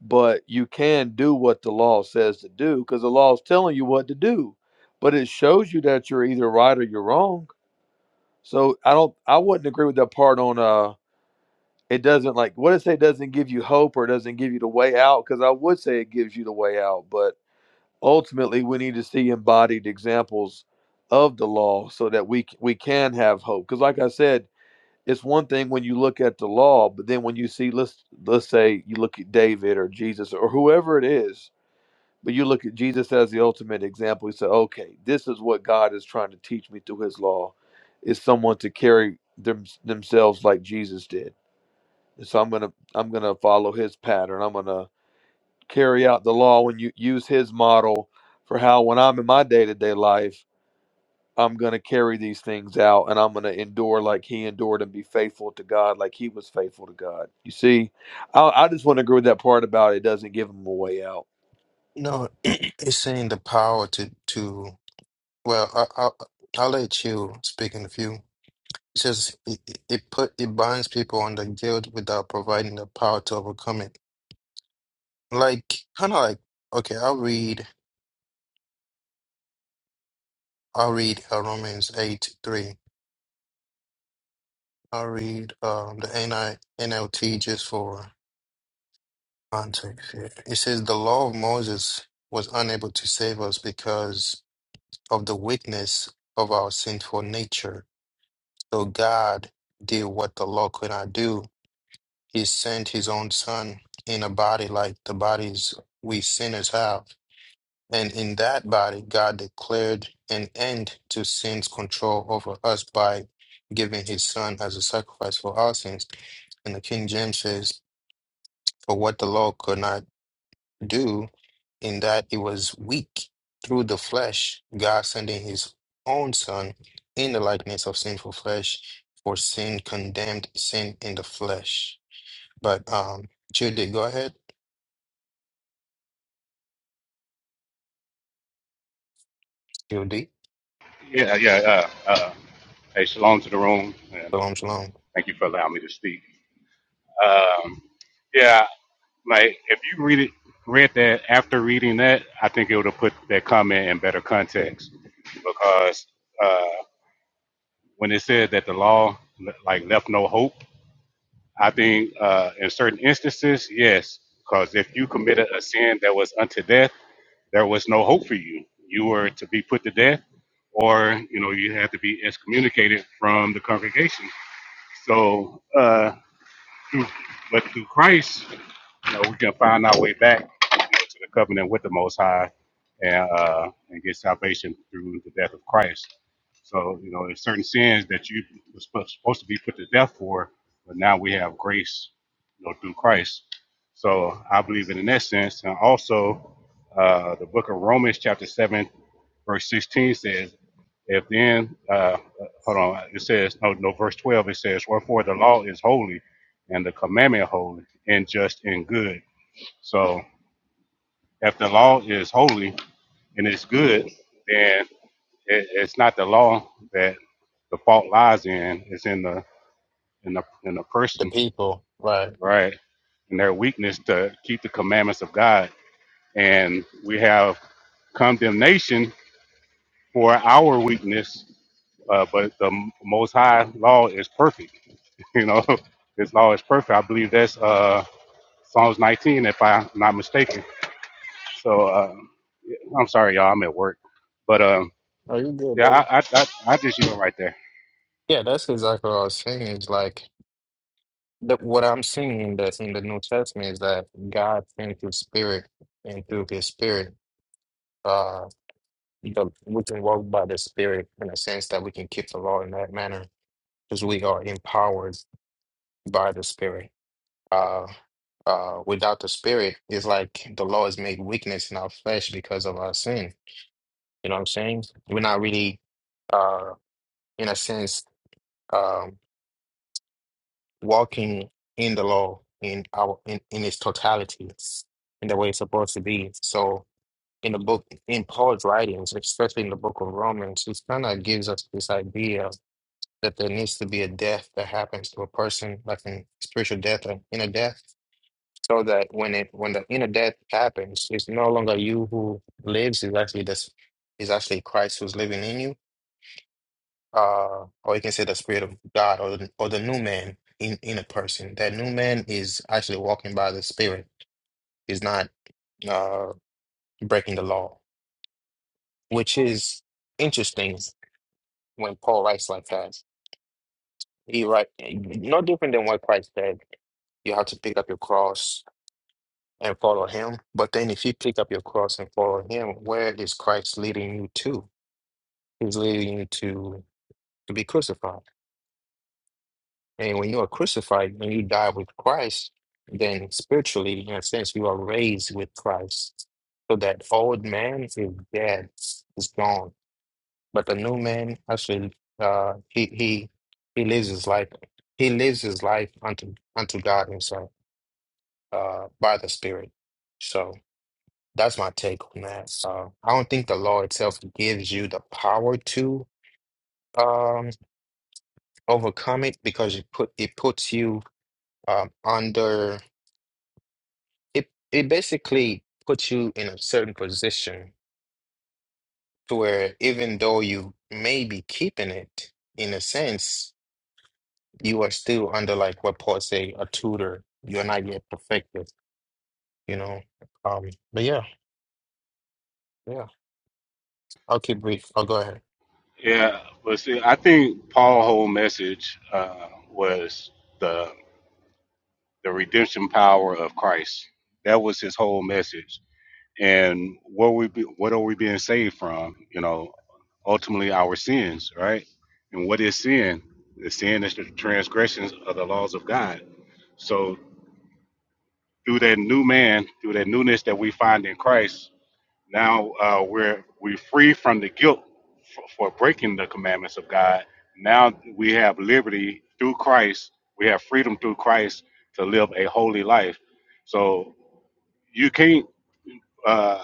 S2: but you can do what the law says to do because the law is telling you what to do. But it shows you that you're either right or you're wrong. So I don't I wouldn't agree with that part on uh it doesn't like what it say doesn't give you hope or doesn't give you the way out because I would say it gives you the way out, but ultimately we need to see embodied examples of the law so that we c- we can have hope because like I said it's one thing when you look at the law, but then when you see let's let's say you look at David or Jesus or whoever it is, but you look at Jesus as the ultimate example, you say, okay, this is what God is trying to teach me through His law, is someone to carry them, themselves like Jesus did. And so I'm gonna I'm gonna follow His pattern. I'm gonna carry out the law and you use His model for how when I'm in my day to day life. I'm going to carry these things out and I'm going to endure like he endured and be faithful to God like he was faithful to God. You see, I, I just want to agree with that part about it doesn't give him a way out.
S1: No, it's saying the power to to. Well, I, I'll I'll let you speak in a few. It says it, it it put it binds people under guilt without providing the power to overcome it. Like kind of like okay, I'll read I'll read uh, Romans eight three. I'll read um the N I N L T just for context. Here. It says the law of Moses was unable to save us because of the weakness of our sinful nature So God did what the law could not do. He sent his own son in a body like the bodies we sinners have. And in that body, God declared an end to sin's control over us by giving his son as a sacrifice for our sins. And the King James says, For what the law could not do, in that it was weak through the flesh, God sending his own son in the likeness of sinful flesh, for sin condemned sin in the flesh. But um Judy, go ahead. Judy.
S4: Yeah, yeah. Uh, uh, hey, shalom to the room, and
S1: Shalom shalom.
S4: thank you for allowing me to speak. Um, yeah, like if you read it, read that after reading that, I think it would have put that comment in better context because uh, when it said that the law like left no hope, I think uh, in certain instances, yes, because if you committed a sin that was unto death, there was no hope for you. You were to be put to death, or you know, you had to be excommunicated from the congregation So, uh, through, but through Christ, you know, we can find our way back you know, to the covenant with the Most High and uh, and get salvation through the death of Christ. So, you know, there's certain sins that you were sp- supposed to be put to death for, but now we have grace, you know, through Christ. So I believe in that sense. And also, uh, the book of Romans, chapter 7, verse 16 says, if then, uh, hold on, it says, no, no, verse 12, it says, wherefore the law is holy and the commandment holy and just and good. So if the law is holy and it's good, then it, it's not the law that the fault lies in. It's in the in the in the
S1: The
S4: person,
S1: people, right.
S4: right? And their weakness to keep the commandments of God. And we have condemnation for our weakness, uh, but the Most High law is perfect. You know, His law is perfect. I believe that's uh, Psalms 19, if I'm not mistaken So uh, I'm sorry, y'all. I'm at work, but um,
S1: Are you good,
S4: yeah,
S1: brother?
S4: I I I, I just yield right there.
S1: Yeah, that's exactly what I was saying. Is like the, what I'm seeing in the in the New Testament is that God sent his spirit and through his spirit, uh the, we can walk by the spirit in a sense that we can keep the law in that manner because we are empowered by the Spirit. Uh, uh, without the Spirit, it's like the law is made weakness in our flesh because of our sin. You know what I'm saying? We're not really, uh, in a sense, um, walking in the law in our in, in its totality, in the way it's supposed to be. So, in the book, in Paul's writings, especially in the book of Romans, he kind of gives us this idea that there needs to be a death that happens to a person, like in spiritual death or inner death so that when it when the inner death happens, it's no longer you who lives. It's actually this is actually Christ who's living in you. Uh, or you can say the Spirit of God or the, or the new man in in a person. That new man is actually walking by the Spirit. He's not uh breaking the law, which is interesting when Paul writes like that. He write no different than what Christ said. You have to pick up your cross and follow him. But then if you pick up your cross and follow him, where is Christ leading you to? He's leading you to to be crucified. And when you are crucified, when you die with Christ, then spiritually, in a sense, you are raised with Christ. So that old man is dead, is gone. But the new man actually uh he he he lives his life he lives his life unto unto God himself uh by the Spirit. So That's my take on that. So I don't think the law itself gives you the power to um overcome it because it put it puts you um under it it basically puts you in a certain position to where even though you may be keeping it in a sense, you are still under like what Paul say, a tutor. You're not yet perfected, you know. Um but yeah, yeah. I'll keep brief. I'll go ahead.
S4: Yeah, but see, I think Paul's whole message uh, was the the redemption power of Christ. That was his whole message. And what we be, what are we being saved from? You know, ultimately our sins, right? And what is sin? The sin is the transgressions of the laws of God. So through that new man, through that newness that we find in Christ, Now uh, we're we're free from the guilt for, for breaking the commandments of God. Now we have liberty through Christ. We have freedom through Christ to live a holy life. So you can't uh,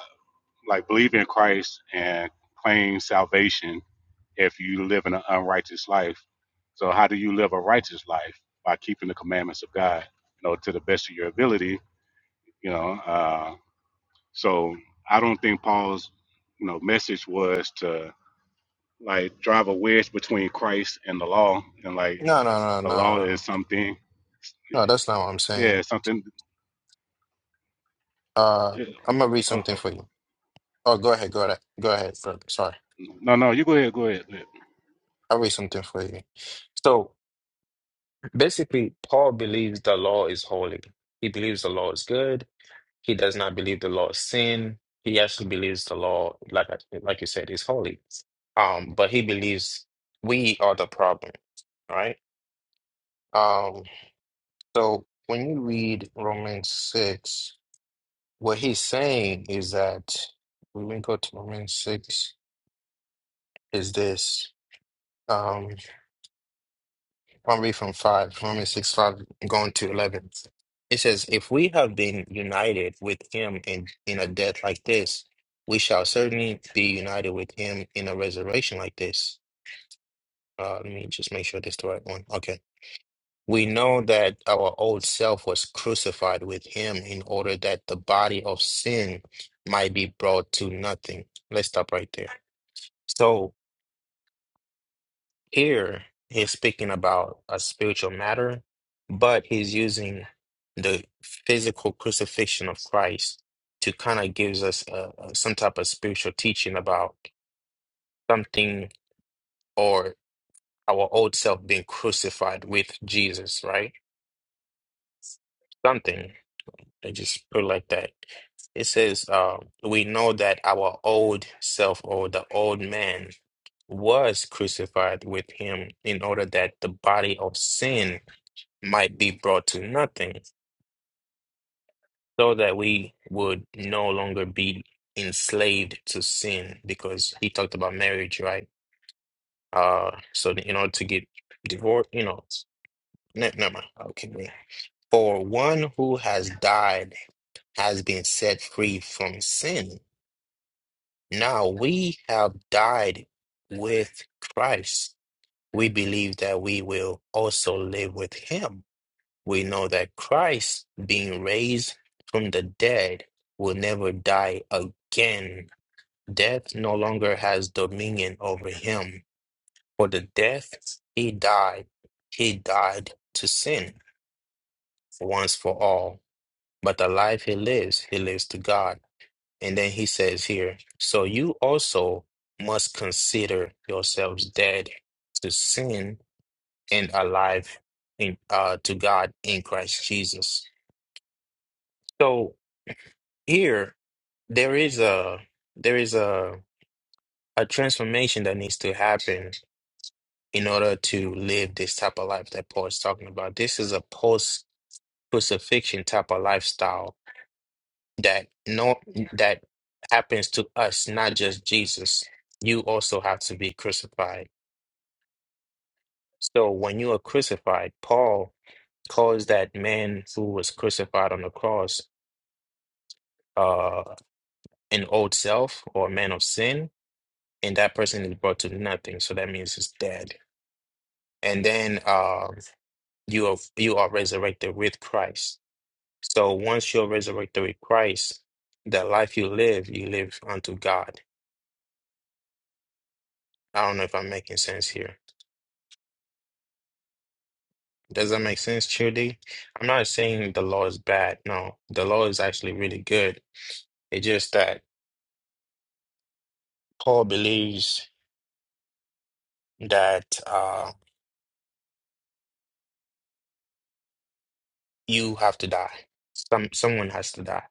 S4: like believe in Christ and claim salvation if you live in an unrighteous life. So how do you live a righteous life by keeping the commandments of God? You know, to the best of your ability. You know. Uh, so I don't think Paul's, you know, message was to like drive a wedge between Christ and the law, and like
S1: No,
S4: like
S1: no, no, no.
S4: the law
S1: No,
S4: is something,
S1: No, that's not what I'm saying.
S4: yeah, something.
S1: Uh,
S4: yeah.
S1: I'm gonna read
S4: oh,
S1: something
S4: oh,
S1: for you. Oh, go ahead, go ahead, go ahead. bro. Sorry,
S4: no, no, you go ahead, go ahead. go ahead.
S1: I'll read something for you. So basically, Paul believes the law is holy. He believes the law is good. He does not believe the law is sin. He actually believes the law, like I, like you said, is holy. Um, but he believes we are the problem, right? Um, so when you read Romans six, what he's saying is that when we go to Romans six, is this. um, I'll read from 5, Romans 6, 5, going to 11. It says, If we have been united with him in, in a death like this, we shall certainly be united with him in a resurrection like this. Uh, let me just make sure this is the right one. Okay. We know that our old self was crucified with him in order that the body of sin might be brought to nothing. Let's stop right there. So. Here, he's speaking about a spiritual matter, but he's using the physical crucifixion of Christ to kind of gives us uh, uh, some type of spiritual teaching about something or our old self being crucified with Jesus, right? Something. I just put it like that. It says, uh, we know that our old self or the old man was crucified with him in order that the body of sin might be brought to nothing, so that we would no longer be enslaved to sin, because he talked about marriage, right? Uh, so in order to get divorced, you know, ne- never mind. Okay, wait. For one who has died has been set free from sin. Now we have died with Christ. We believe that we will also live with him. we know that Christ, being raised from the dead, will never die again. Death no longer has dominion over him. For the death he died, he died to sin once for all. But the life he lives, he lives to God. And then he says here, so you also must consider yourselves dead to sin and alive in, uh, to God in Christ Jesus. So here there is a there is a a transformation that needs to happen in order to live this type of life that Paul is talking about. This is a post crucifixion type of lifestyle that no that happens to us, not just Jesus. You also have to be crucified. So when you are crucified, Paul calls that man who was crucified on the cross uh an old self or a man of sin and that person is brought to nothing. So that means it's dead. And then um, you are you are resurrected with Christ. So once you're resurrected with Christ, the life you live, you live unto God. I don't know if I'm making sense here. Does that make sense, Trudy? I'm not saying the law is bad. No, the law is actually really good. It's just that Paul believes that uh, you have to die. Some someone has to die,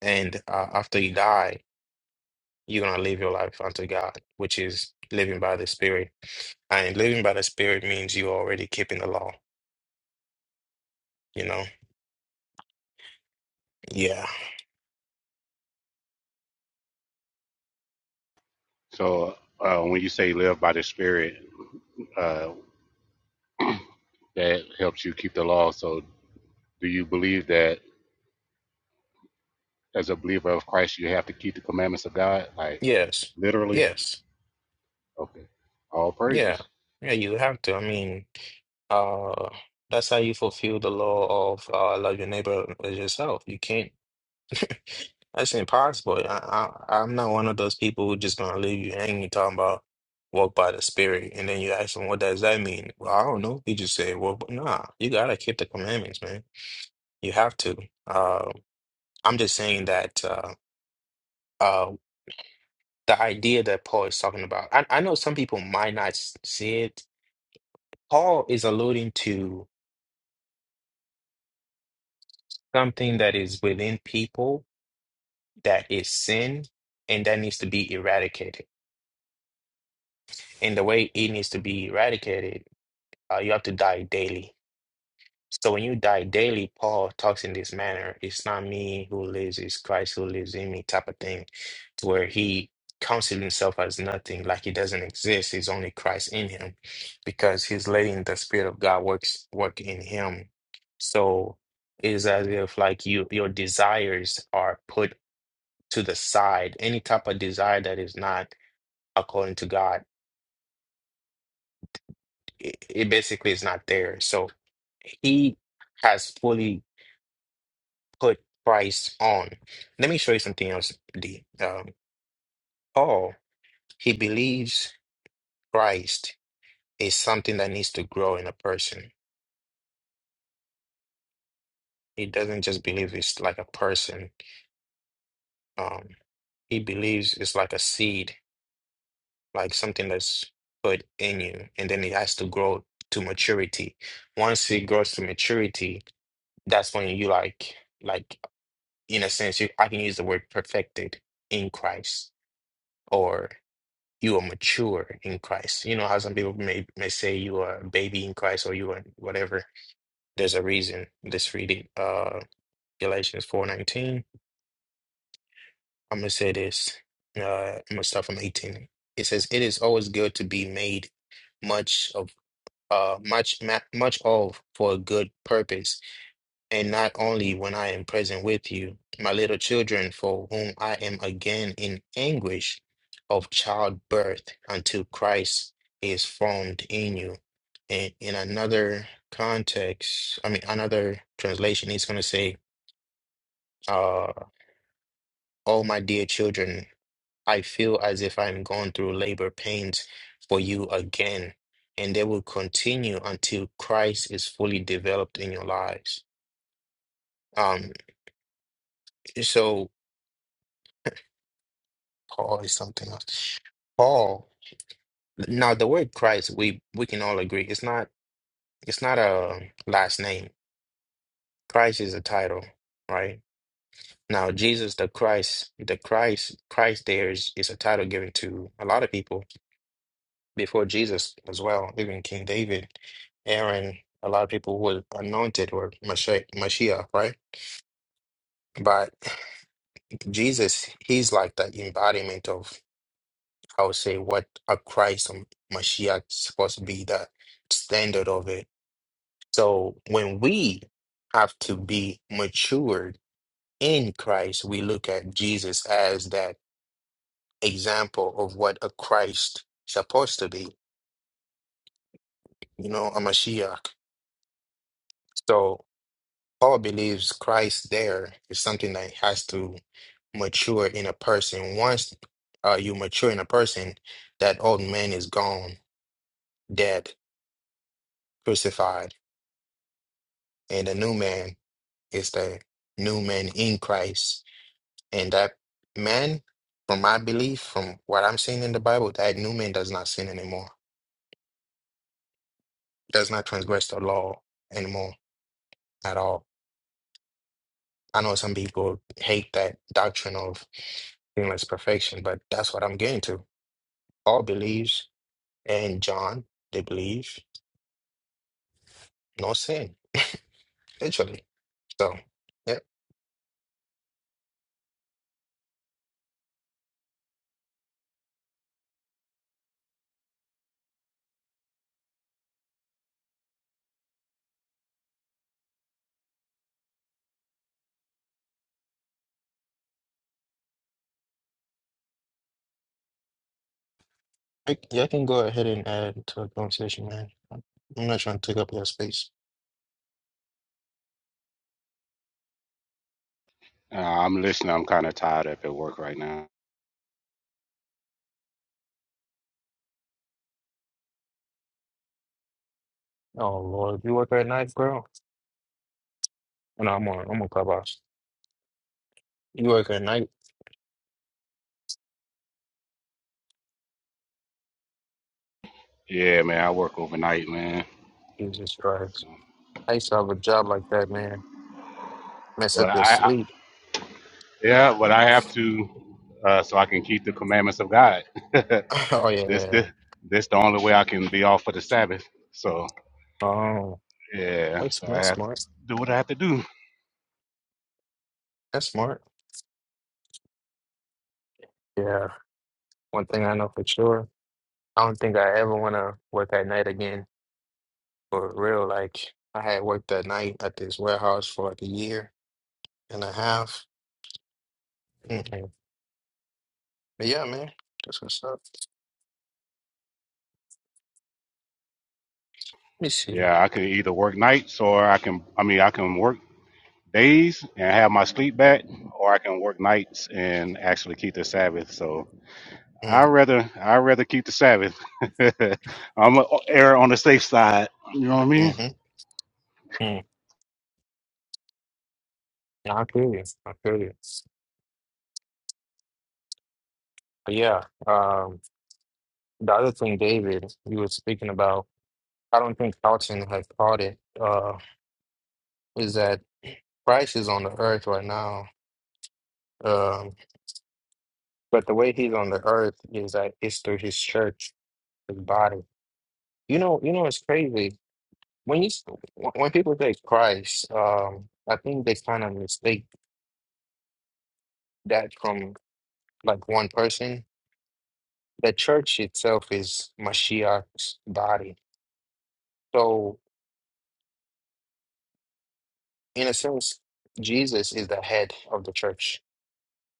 S1: and uh, after you die, you're going to live your life unto God, which is living by the Spirit. And living by the Spirit means you're already keeping the law, you know? Yeah.
S4: So uh, when you say live by the Spirit, uh, that helps you keep the law. So do you believe that as a believer of Christ, you have to keep the commandments of God, like
S1: Yes.
S4: literally?
S1: Yes.
S4: Okay, all
S1: Yeah.
S4: praises.
S1: Yeah, you have to. I mean, uh, that's how you fulfill the law of uh, love your neighbor as yourself. You can't, that's impossible. I, I, I'm not one of those people who just gonna leave you hanging talking about walk by the spirit. And then you ask them, what does that mean? Well, I don't know. He just said, well, but nah, you gotta keep the commandments, man. You have to. Uh, I'm just saying that uh, uh, the idea that Paul is talking about, I, I know some people might not s- see it. Paul is alluding to something that is within people that is sin and that needs to be eradicated. And the way it needs to be eradicated, uh, you have to die daily. So when you die daily, Paul talks in this manner. It's not me who lives, it's Christ who lives in me type of thing where he counted himself as nothing, like he doesn't exist. He's only Christ in him, because he's letting the Spirit of God works work in him. So it is as if like you your desires are put to the side. Any type of desire that is not according to God, it, it basically is not there. So he has fully put Christ on. Let me show you something else, D. Um, Paul, he believes Christ is something that needs to grow in a person. He doesn't just believe it's like a person. Um, he believes it's like a seed, like something that's put in you, and then it has to grow to maturity. Once it grows to maturity, that's when you like, like in a sense, you, I can use the word perfected in Christ, or you are mature in Christ. You know how some people may may say you are a baby in Christ or you are whatever. There's a reason. Let's read it. Uh, Galatians 4:19. I'm gonna say this. Uh, I'm gonna start from 18. It says, "It is always good to be made much of, uh, much ma much of for a good purpose, and not only when I am present with you, my little children, for whom I am again in anguish of childbirth until Christ is formed in you." And in another context, I mean, another translation, he's gonna say, uh, "Oh, my dear children." I feel as if I'm going through labor pains for you again, and they will continue until Christ is fully developed in your lives. Um, so Paul is something else. Paul, now the word Christ, we we can all agree it's not it's not a last name. Christ is a title, right? Now Jesus the Christ, the Christ, Christ there is is a title given to a lot of people before Jesus as well, even King David, Aaron, a lot of people were anointed or Mashiach, Mashiach, right? But Jesus, he's like the embodiment of, I would say, what a Christ or Mashiach is supposed to be, the standard of it. So when we have to be matured in Christ, we look at Jesus as that example of what a Christ supposed to be, you know, a Mashiach. So. Paul believes Christ there is something that has to mature in a person. Once uh, you mature in a person, that old man is gone, dead, crucified, and the new man is the new man in Christ. And that man, from my belief, from what I'm seeing in the Bible, that new man does not sin anymore, does not transgress the law anymore at all. I know some people hate that doctrine of sinless perfection, but that's what I'm getting to. Paul believes, and John, they believe, no sin, literally. So, yeah, I, yeah, I can go ahead and add to the conversation, man. I'm not trying to take up your space.
S4: Uh, I'm listening. I'm kind of tired up at work right now.
S1: Oh Lord, you work at night, girl? No, I'm on, I'm on clubhouse. You work at night?
S4: Yeah, man, I work overnight, man.
S1: Jesus Christ! I used to have a job like that, man. Mess
S4: But
S1: up your
S4: I, I
S1: sleep.
S4: yeah, but I have to uh, so I can keep the commandments of God. this
S1: oh yeah, yeah.
S4: this this the only way I can be off for the Sabbath. So
S1: yeah. Oh,
S4: yeah,
S1: that's
S4: so I
S1: that's
S4: have to
S1: smart.
S4: do what I have to do.
S1: That's smart. Yeah. One thing I know for sure, I don't think I ever want to work at night again. For real, like I had worked that night at this warehouse for like a year and a half. Mm-mm. But yeah, man, that's what's up. Let me see.
S4: Yeah, I can either work nights or I can I mean I can work days and have my sleep back, or I can work nights and actually keep the Sabbath. So I
S1: Mm,
S4: rather I rather keep the Sabbath. I'm a err on the safe side. You know what I mean?
S1: mm-hmm. Mm. Nah, I feel you. I feel you. But yeah, um, the other thing, David, you were speaking about, I don't think Carlton has caught it, uh, is that Christ is on the earth right now. Um, but the way he's on the earth is that it's through his church, his body. You know, you know, it's crazy. when you s- when people say Christ, um, I think they kind of mistake that from like one person. The church itself is Mashiach's body. So in a sense, Jesus is the head of the church,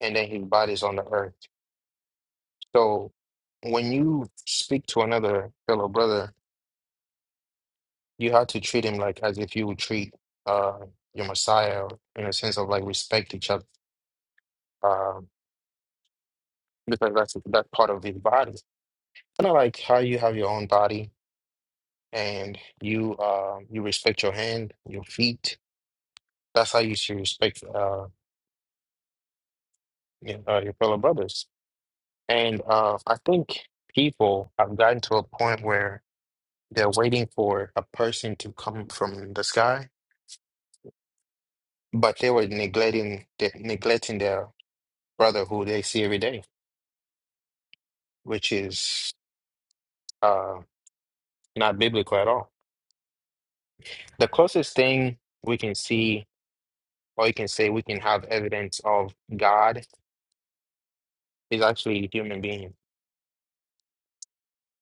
S1: and then his body is on the earth. So when you speak to another fellow brother, you have to treat him like as if you would treat uh, your Messiah, in a sense of like respect each other, uh, because that's that's part of his body. Kind of like how you have your own body and you uh, you respect your hand, your feet. That's how you should respect uh, your, uh, your fellow brothers. And uh, I think people have gotten to a point where they're waiting for a person to come from the sky, but they were neglecting they neglecting their brother who they see every day, which is uh, not biblical at all. The closest thing we can see, or you can say we can have evidence of God is actually human beings,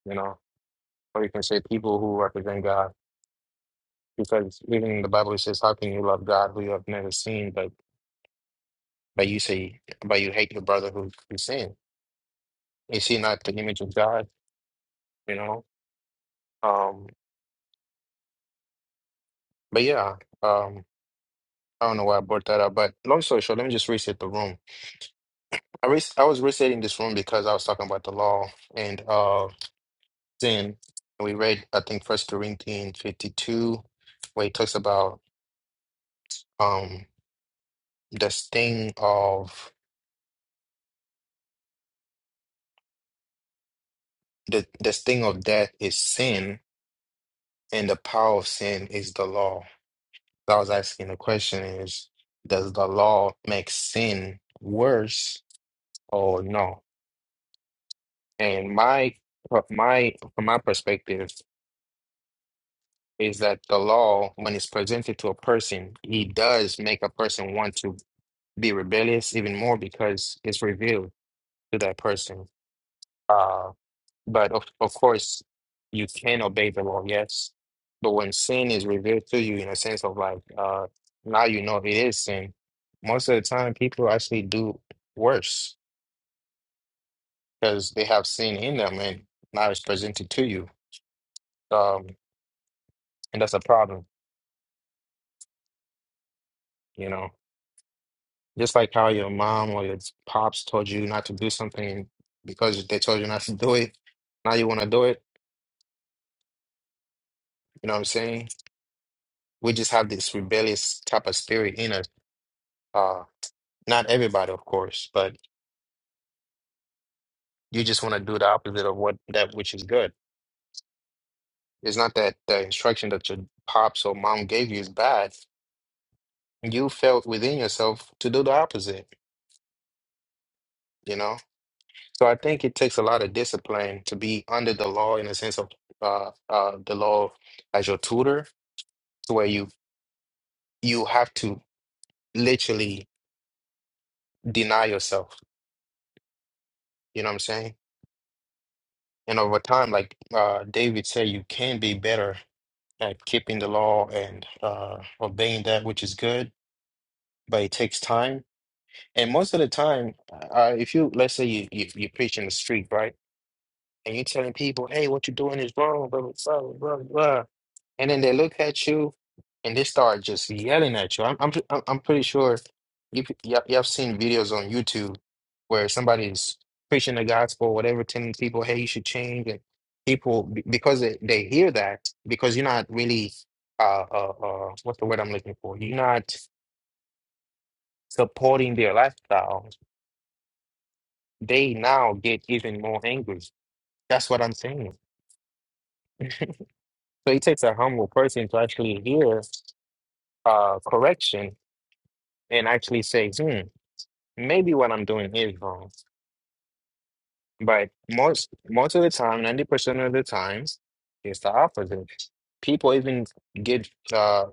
S1: you know, or you can say people who represent God. Because even in the Bible, it says, How can you love God who you have never seen, but, but you say, but you hate your brother who, who sinned? Is he not the image of God, you know? Um, but yeah, um, I don't know why I brought that up, but long story short, let me just reset the room. I, re I was resetting this room because I was talking about the law and uh, sin. And we read, I think, First Corinthians 52, where it talks about um, the sting of the the sting of death is sin, and the power of sin is the law. So I was asking the question is, does the law make sin worse or no? And my my from my perspective is that the law, when it's presented to a person, it does make a person want to be rebellious even more because it's revealed to that person. Uh, But of, of course, you can obey the law, yes. But when sin is revealed to you in a sense of like, uh, now you know it is sin, most of the time people actually do worse because they have sin in them and now it's presented to you. Um, and that's a problem, you know. Just like how your mom or your pops told you not to do something because they told you not to do it, now you want to do it. You know what I'm saying? We just have this rebellious type of spirit in us. uh, Not everybody, of course, but you just want to do the opposite of what that which is good. It's not that the instruction that your pops or mom gave you is bad. You felt within yourself to do the opposite, you know? So I think it takes a lot of discipline to be under the law in a sense of uh, uh, the law as your tutor, to where you you have to literally deny yourself. You know what I'm saying? And over time, like uh, David said, you can be better at keeping the law and uh, obeying that which is good, but it takes time. And most of the time, uh, if you let's say you, you you preach in the street, right, and you're telling people, "Hey, what you're doing is wrong," blah blah blah blah blah. And then they look at you and they start just yelling at you. I'm I'm I'm I'm pretty sure you p- you you have seen videos on YouTube where somebody's preaching the gospel, whatever, telling people, "Hey, you should change," and people be- because they, they hear that because you're not really uh, uh uh what's the word I'm looking for? You're not supporting their lifestyle. They now get even more angry. That's what I'm saying. So it takes a humble person to actually hear uh correction and actually say, "Hmm." Maybe what I'm doing is wrong, but most most of the time, 90% of the times, it's the opposite. People even get uh,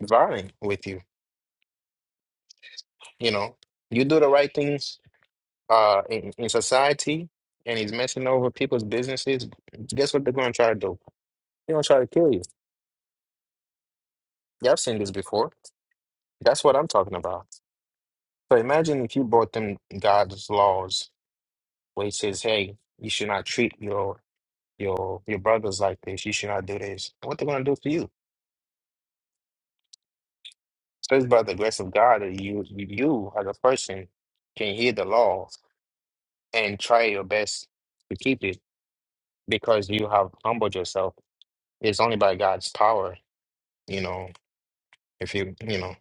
S1: violent with you. You know, you do the right things uh, in, in society, and he's messing over people's businesses. Guess what they're going to try to do? They're going to try to kill you. Y'all seen this before. That's what I'm talking about. So imagine if you brought them God's laws, where he says, "Hey, you should not treat your your your brother's like this. You should not do this. What they gonna do for you? Says by the grace of God that you you as a person can hear the law and try your best to keep it because you have humbled yourself. It's only by God's power, you know. If you you know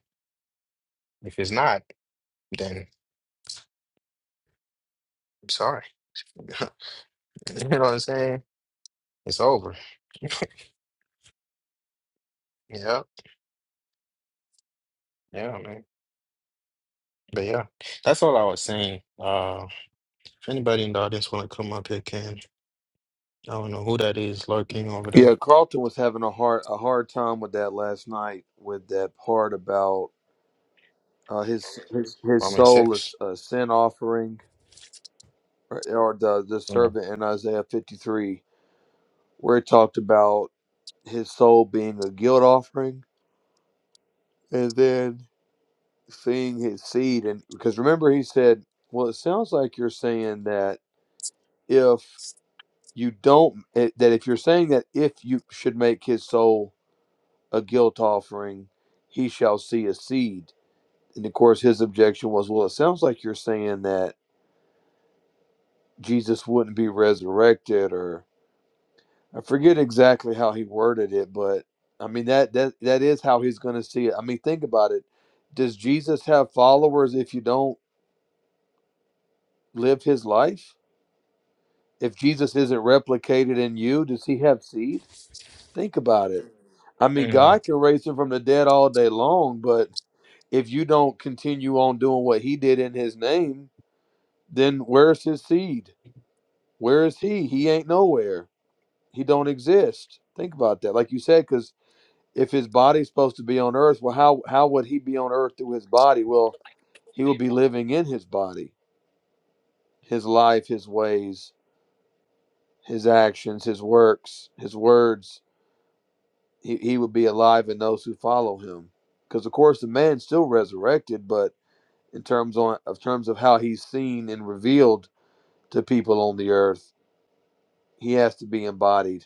S1: if it's not, then I'm sorry. you know what I'm saying? It's over. Yeah, yeah, man. But yeah, that's all I was saying. Uh, if anybody in the audience want to come up here, can I don't know who that is lurking over there.
S2: Yeah, Carlton was having a hard a hard time with that last night with that part about uh, his his his
S1: I mean
S2: soul is
S1: six.
S2: a sin offering or, or the the
S1: Mm.
S2: servant in Isaiah 53 where it talked about his soul being a guilt offering and then seeing his seed and because remember he said well it sounds like you're saying that if you don't eh, that if you're saying that if you should make his soul a guilt offering he shall see a seed and of course his objection was well it sounds like you're saying that jesus wouldn't be resurrected or i forget exactly how he worded it but i mean that that, that is how he's going to see it i mean think about it does jesus have followers if you don't live his life if Jesus isn't replicated in you, does he have seed? Think about it. I mean, God
S1: Mm.
S2: can raise him from the dead all day long, but if you don't continue on doing what he did in his name, then where's his seed? Where is he? He ain't nowhere. He don't exist. Think about that. Like you said, because if his body's supposed to be on earth, well, how how would he be on earth through his body? Well, he would be living in his body, his life, his ways, his actions, his works, his words he, he would be alive and those who follow him. Because of course the man's still resurrected, but in terms on of terms of how he's seen and revealed to people on the earth, he has to be embodied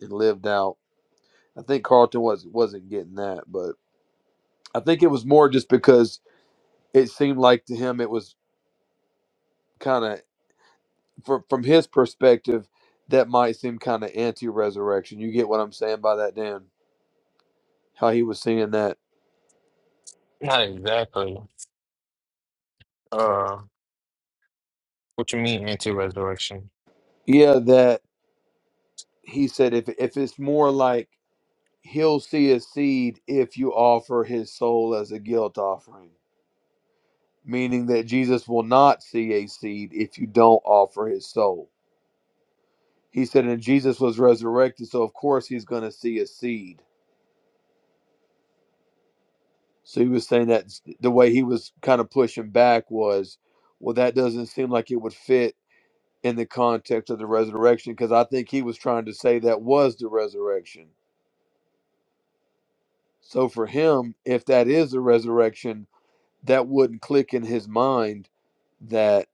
S2: and lived out. I think Carlton was wasn't getting that, but I think it was more just because it seemed like to him it was kind of from from his perspective that might seem kind of anti-resurrection. You get what I'm saying by that, Dan? How he was seeing that?
S1: Not exactly. Uh, what you mean anti-resurrection?
S2: Yeah, that he said if if it's more like he'll see a seed if you offer his soul as a guilt offering, meaning that Jesus will not see a seed if you don't offer his soul. He said, and Jesus was resurrected, so of course he's going to see a seed. So he was saying that the way he was kind of pushing back was, well, that doesn't seem like it would fit in the context of the resurrection, because I think he was trying to say that was the resurrection. So for him, if that is the resurrection, that wouldn't click in his mind that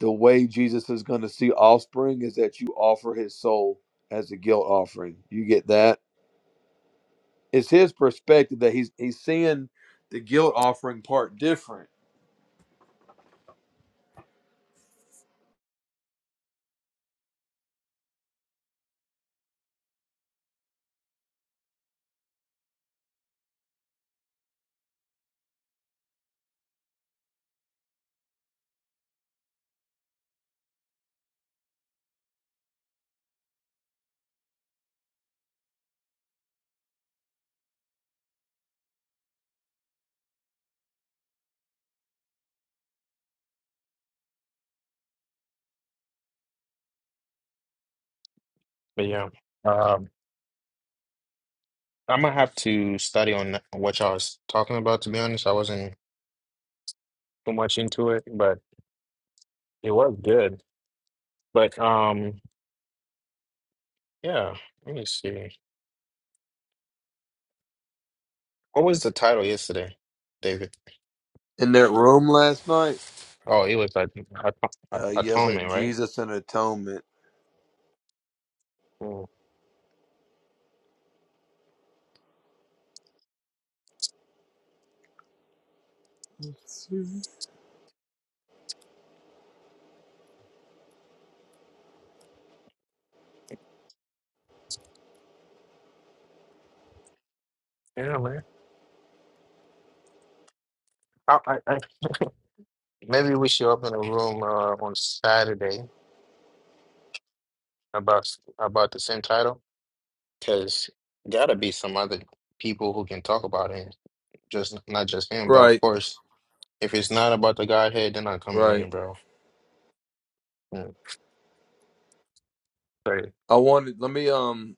S2: the way Jesus is going to see offspring is that you offer his soul as a guilt offering. You get that? It's his perspective that he's he's seeing the guilt offering part different.
S1: But yeah, um, I'm gonna have to study on what y'all was talking about. To be honest, I wasn't too much into it, but it was good. But um, yeah. Let me see. What was the title yesterday, David?
S2: In that room last night,
S1: Oh, it was like at- at-
S2: uh, yells like
S1: atonement, right?
S2: Jesus and atonement.
S1: Mm. Yeah, man. I, I, I, maybe we should open a room uh, on Saturday about about the same title. because gotta be some other people who can talk about it, just not just him. But of
S2: Right,
S1: course, if it's not about the Godhead, they're not coming in,
S2: right.
S1: bro. Yeah. Right.
S2: I wanted. Let me. Um,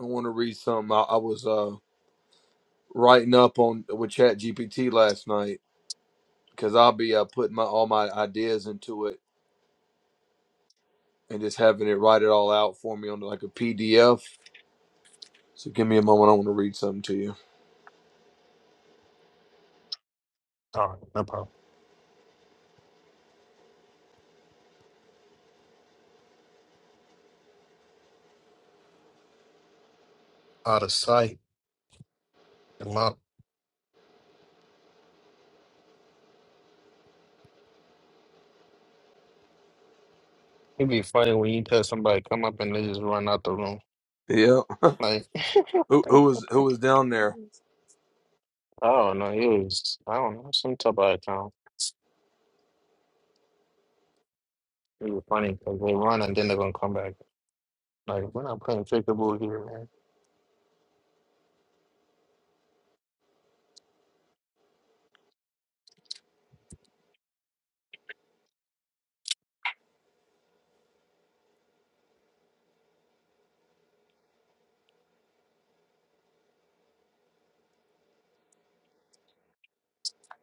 S2: I want to read something. I, I was uh writing up on with Chat GPT last night because I'll be uh, putting my all my ideas into it and just having it write it all out for me on like a PDF. So give me a moment. I want to read something to you.
S1: Oh, no problem. Out of sight, come up. It'd be funny when you tell somebody come up and they just run out the room.
S2: Yeah.
S1: Like,
S2: Who, who was who was down there?
S1: oh no, it was I don't know some type of account. It was funny because they run and then they're gonna come back. Like, we're not playing trickable here, man.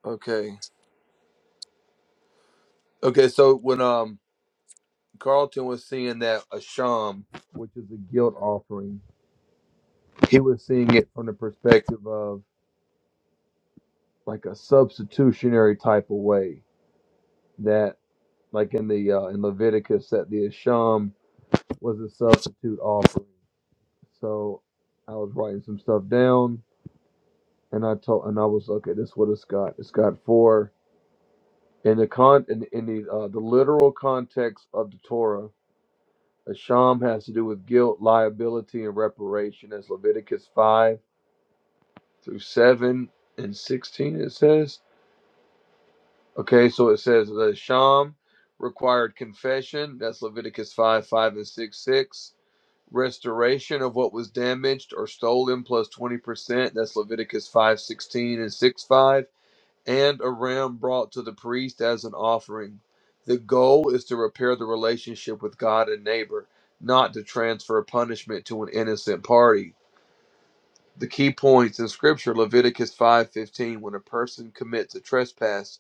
S2: Okay. Okay. So when um Carlton was seeing that asham, which is a guilt offering, he was seeing it from the perspective of like a substitutionary type of way that like in the uh, in Leviticus that the asham was a substitute offering. So I was writing some stuff down and I told and I was like, okay. This is what it's got. It's got four in the con in, in the uh, the literal context of the Torah. a sham has to do with guilt, liability, and reparation. That's Leviticus five through seven and sixteen. It says okay. So it says the sham required confession. That's Leviticus five five and six six. Restoration of what was damaged or stolen plus twenty percent. That's Leviticus five sixteen and six five and a ram brought to the priest as an offering. The goal is to repair the relationship with God and neighbor, not to transfer punishment to an innocent party. The key points in scripture Leviticus 5:15 when a person commits a trespass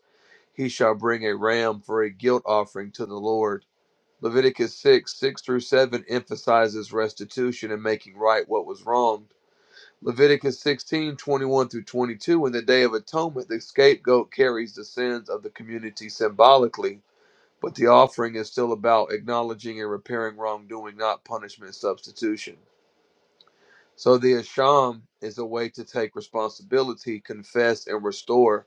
S2: he shall bring a ram for a guilt offering to the Lord. Leviticus 6, 6 through 7 emphasizes restitution and making right what was wrong. Leviticus 16:21 through 22, in the Day of Atonement, the scapegoat carries the sins of the community symbolically, but the offering is still about acknowledging and repairing wrongdoing, not punishment substitution. So the Asham is a way to take responsibility, confess, and restore,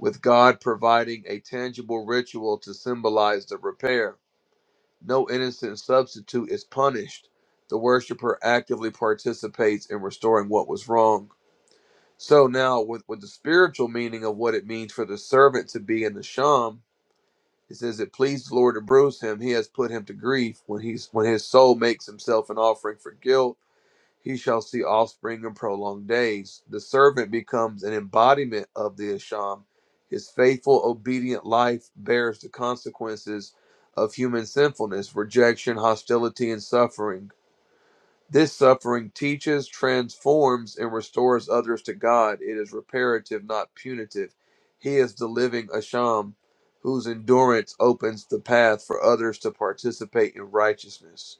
S2: with God providing a tangible ritual to symbolize the repair. No innocent substitute is punished. The worshiper actively participates in restoring what was wrong. So now, with, with the spiritual meaning of what it means for the servant to be in the sham, it says it pleased the Lord to bruise him. He has put him to grief. When he's when his soul makes himself an offering for guilt, he shall see offspring and prolonged days. The servant becomes an embodiment of the sham. His faithful, obedient life bears the consequences of human sinfulness, rejection, hostility, and suffering this suffering teaches, transforms, and restores others to God. It is reparative, not punitive. He is the living Asham, whose endurance opens the path for others to participate in righteousness.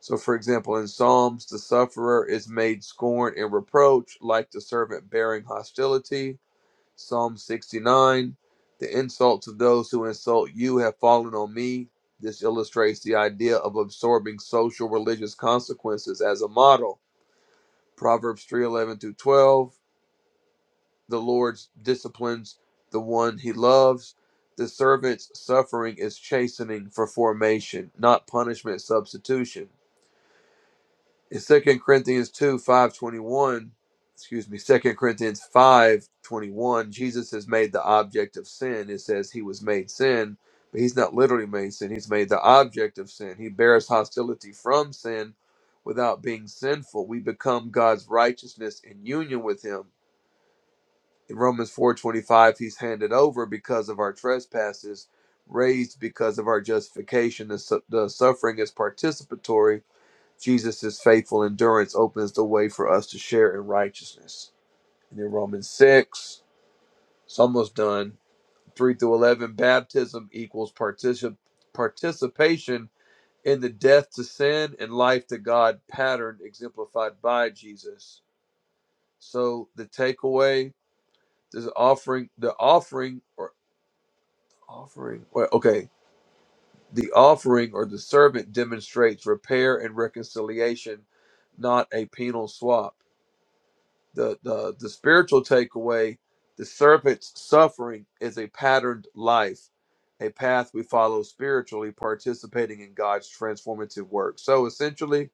S2: So, for example, in Psalms, the sufferer is made scorn and reproach, like the servant bearing hostility. Psalm 69 The insults of those who insult you have fallen on me. This illustrates the idea of absorbing social religious consequences as a model. Proverbs 3:11 through 12 The Lord disciplines the one he loves. The servant's suffering is chastening for formation, not punishment substitution. in 2 Corinthians 2 five twenty one, excuse me, Second Corinthians five twenty one, Jesus is made the object of sin. It says he was made sin, but he's not literally made sin. He's made the object of sin. He bears hostility from sin without being sinful. We become God's righteousness in union with him. In Romans four twenty five, he's handed over because of our trespasses, raised because of our justification. The, su- the suffering is participatory Jesus' faithful endurance opens the way for us to share in righteousness. And then Romans 6, it's almost done. 3 through 11, baptism equals particip- participation in the death to sin and life to God pattern exemplified by Jesus. So the takeaway, this offering, the offering or offering, well, okay, the offering or the servant demonstrates repair and reconciliation, not a penal swap. the the, the spiritual takeaway the serpent's suffering is a patterned life a path we follow spiritually participating in god's transformative work so essentially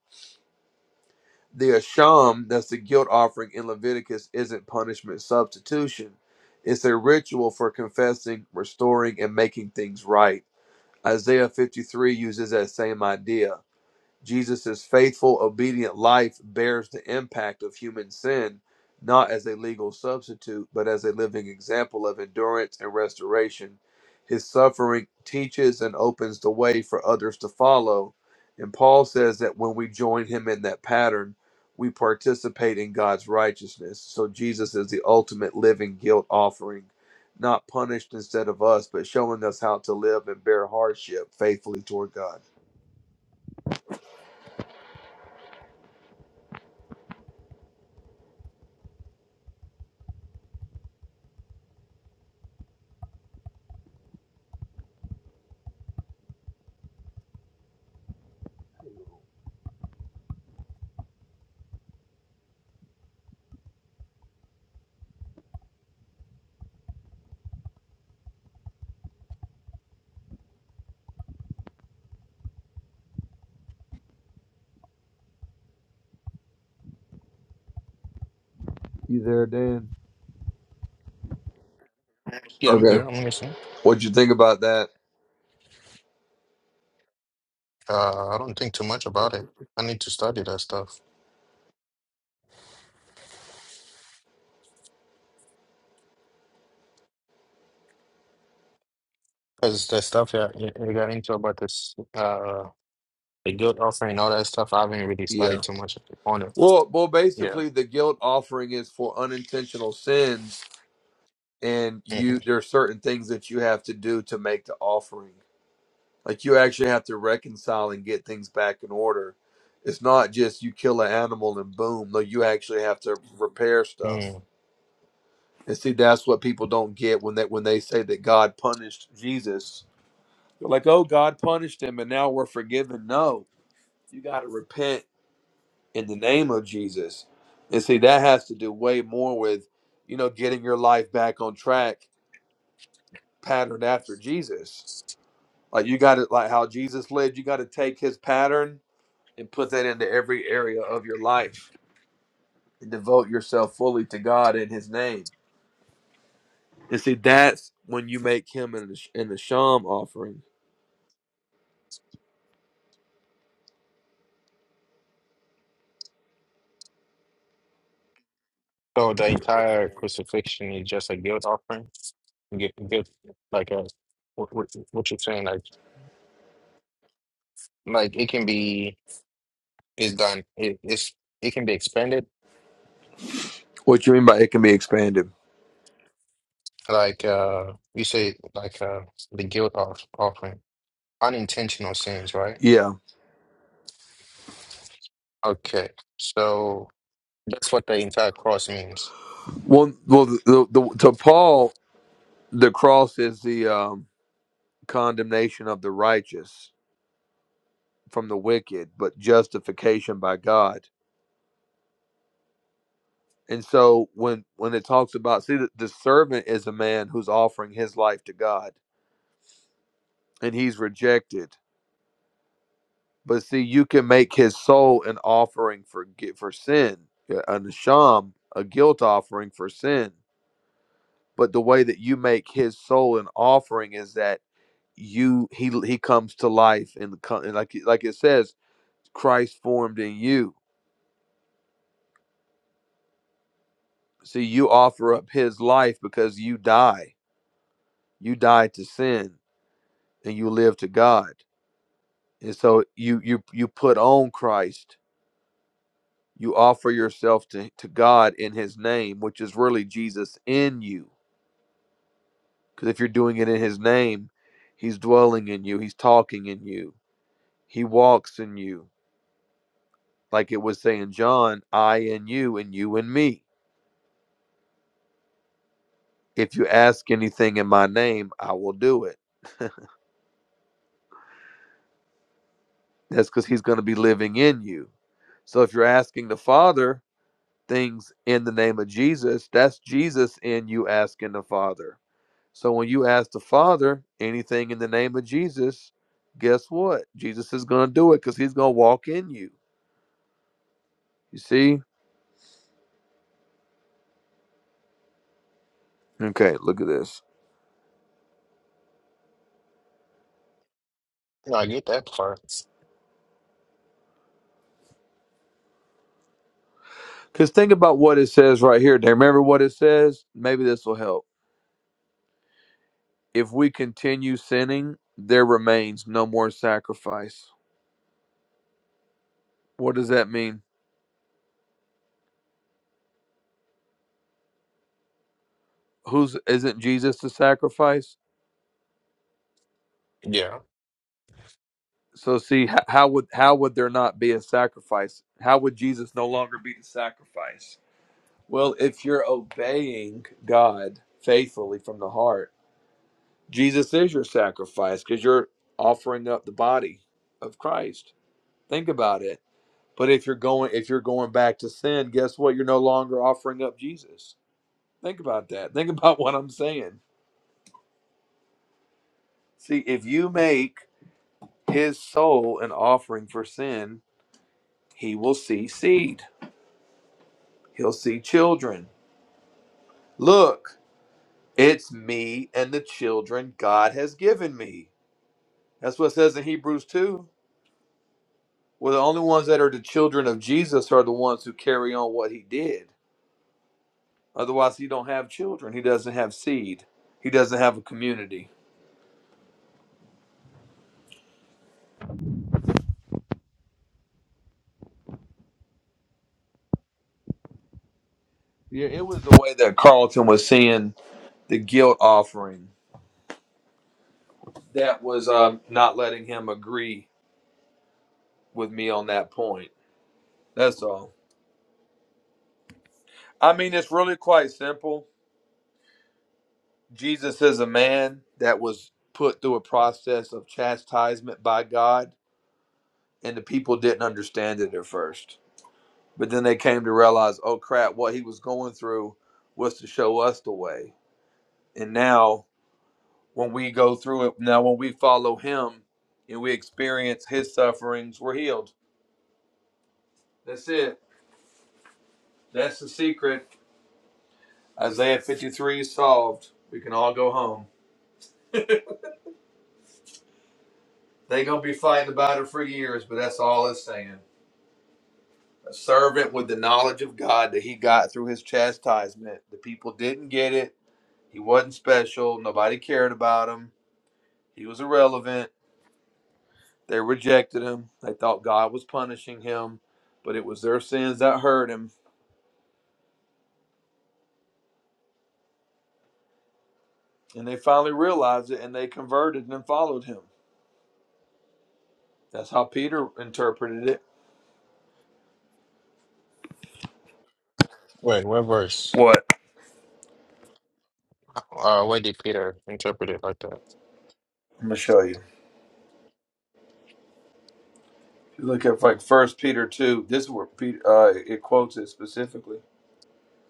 S2: the asham that's the guilt offering in leviticus isn't punishment substitution it's a ritual for confessing restoring and making things right isaiah 53 uses that same idea Jesus' faithful, obedient life bears the impact of human sin, not as a legal substitute, but as a living example of endurance and restoration. His suffering teaches and opens the way for others to follow. And Paul says that when we join him in that pattern, we participate in God's righteousness. So Jesus is the ultimate living guilt offering, not punished instead of us, but showing us how to live and bear hardship faithfully toward God. You there, Dan?
S1: Yeah, I'm here. I'm listening.
S2: What'd you think about that?
S1: Uh, I don't think too much about it. I need to study that stuff because the stuff that you you got into about this, uh, the guilt offering, all that stuff. I haven't really studied
S2: Yeah.
S1: too much on it.
S2: Well, well,
S1: Yeah.
S2: basically, the guilt offering is for unintentional sins, and
S1: hmm
S2: you there are certain things that you have to do to make the offering. Like you actually have to reconcile and get things back in order. It's not just you kill an animal and boom. No, you actually have to repair stuff.
S1: Mm.
S2: And see, that's what people don't get when they when they say that God punished Jesus. They're like, oh, God punished him, and now we're forgiven. No, you got to repent in the name of Jesus. And see, that has to do way more with, you know, getting your life back on track, patterned after Jesus. Like you got to, like how Jesus led, you got to take his pattern and put that into every area of your life and devote yourself fully to God in his name. And see, that's when you make him an, an Asham offering.
S1: So the entire crucifixion is just a guilt offering. Guilt, guilt like a what, what, what you're saying, like like it can be it's done. It it's it can be expanded.
S2: What you mean by it can be expanded?
S1: Like uh, you say, like uh, the guilt off, offering, unintentional sins, right?
S2: Yeah.
S1: Okay. So. That's what the entire cross means.
S2: Well, well, the, the, to Paul, the cross is the um, condemnation of the righteous from the wicked, but justification by God. And so when when it talks about see the, the servant is a man who's offering his life to God and he's rejected. But see you can make his soul an offering for gi- for sin, a a a guilt offering for sin. But the way that you make his soul an offering is that you he he comes to life and, co- and like like it says Christ formed in you See, you offer up his life because you die. You die to sin and you live to God. And so you you you put on Christ. You offer yourself to, to God in his name, which is really Jesus in you. Because if you're doing it in his name, he's dwelling in you, he's talking in you, he walks in you. Like it was saying, John, I and you and you and me. If you ask anything in my name, I will do it. That's because he's going to be living in you. So if you're asking the Father things in the name of Jesus, that's Jesus in you asking the Father. So when you ask the Father anything in the name of Jesus, guess what? Jesus is going to do it because he's going to walk in you. You see? Okay, look at this.
S1: No, I get that part.
S2: Because think about what it says right here. Do you remember what it says? Maybe this will help. If we continue sinning, there remains no more sacrifice. What does that mean? who's isn't Jesus the sacrifice?
S1: Yeah.
S2: So see h- how would how would there not be a sacrifice? How would Jesus no longer be the sacrifice? Well, if you're obeying God faithfully from the heart, Jesus is your sacrifice because you're offering up the body of Christ. Think about it. But if you're going if you're going back to sin, guess what? You're no longer offering up Jesus. Think about that. Think about what I'm saying. See, if you make his soul an offering for sin, he will see seed. He'll see children. Look, it's me and the children God has given me. That's what it says in Hebrews 2. Well, the only ones that are the children of Jesus are the ones who carry on what he did. Otherwise, he don't have children. He doesn't have seed. He doesn't have a community. Yeah, it was the way that Carlton was seeing the guilt offering. That was um, not letting him agree with me on that point. That's all. I mean, it's really quite simple Jesus is a man that was put through a process of chastisement by God, and the people didn't understand it at first. But then they came to realize, oh crap, what he was going through was to show us the way. And now, when we go through it, now when we follow him and we experience his sufferings, we're healed. That's it. That's the secret. Isaiah 53 is solved. We can all go home. they going to be fighting about it for years, but that's all it's saying. a servant with the knowledge of God that he got through his chastisement. The people didn't get it. He wasn't special. Nobody cared about him. He was irrelevant. They rejected him. They thought God was punishing him, but it was their sins that hurt him. And they finally realized it and they converted and followed him. That's how Peter interpreted it.
S1: Wait, what verse?
S2: What?
S1: Uh, why did Peter interpret it like that?
S2: I'm going to show you. If you look at like First Peter 2, this is where Peter, uh, it quotes it specifically,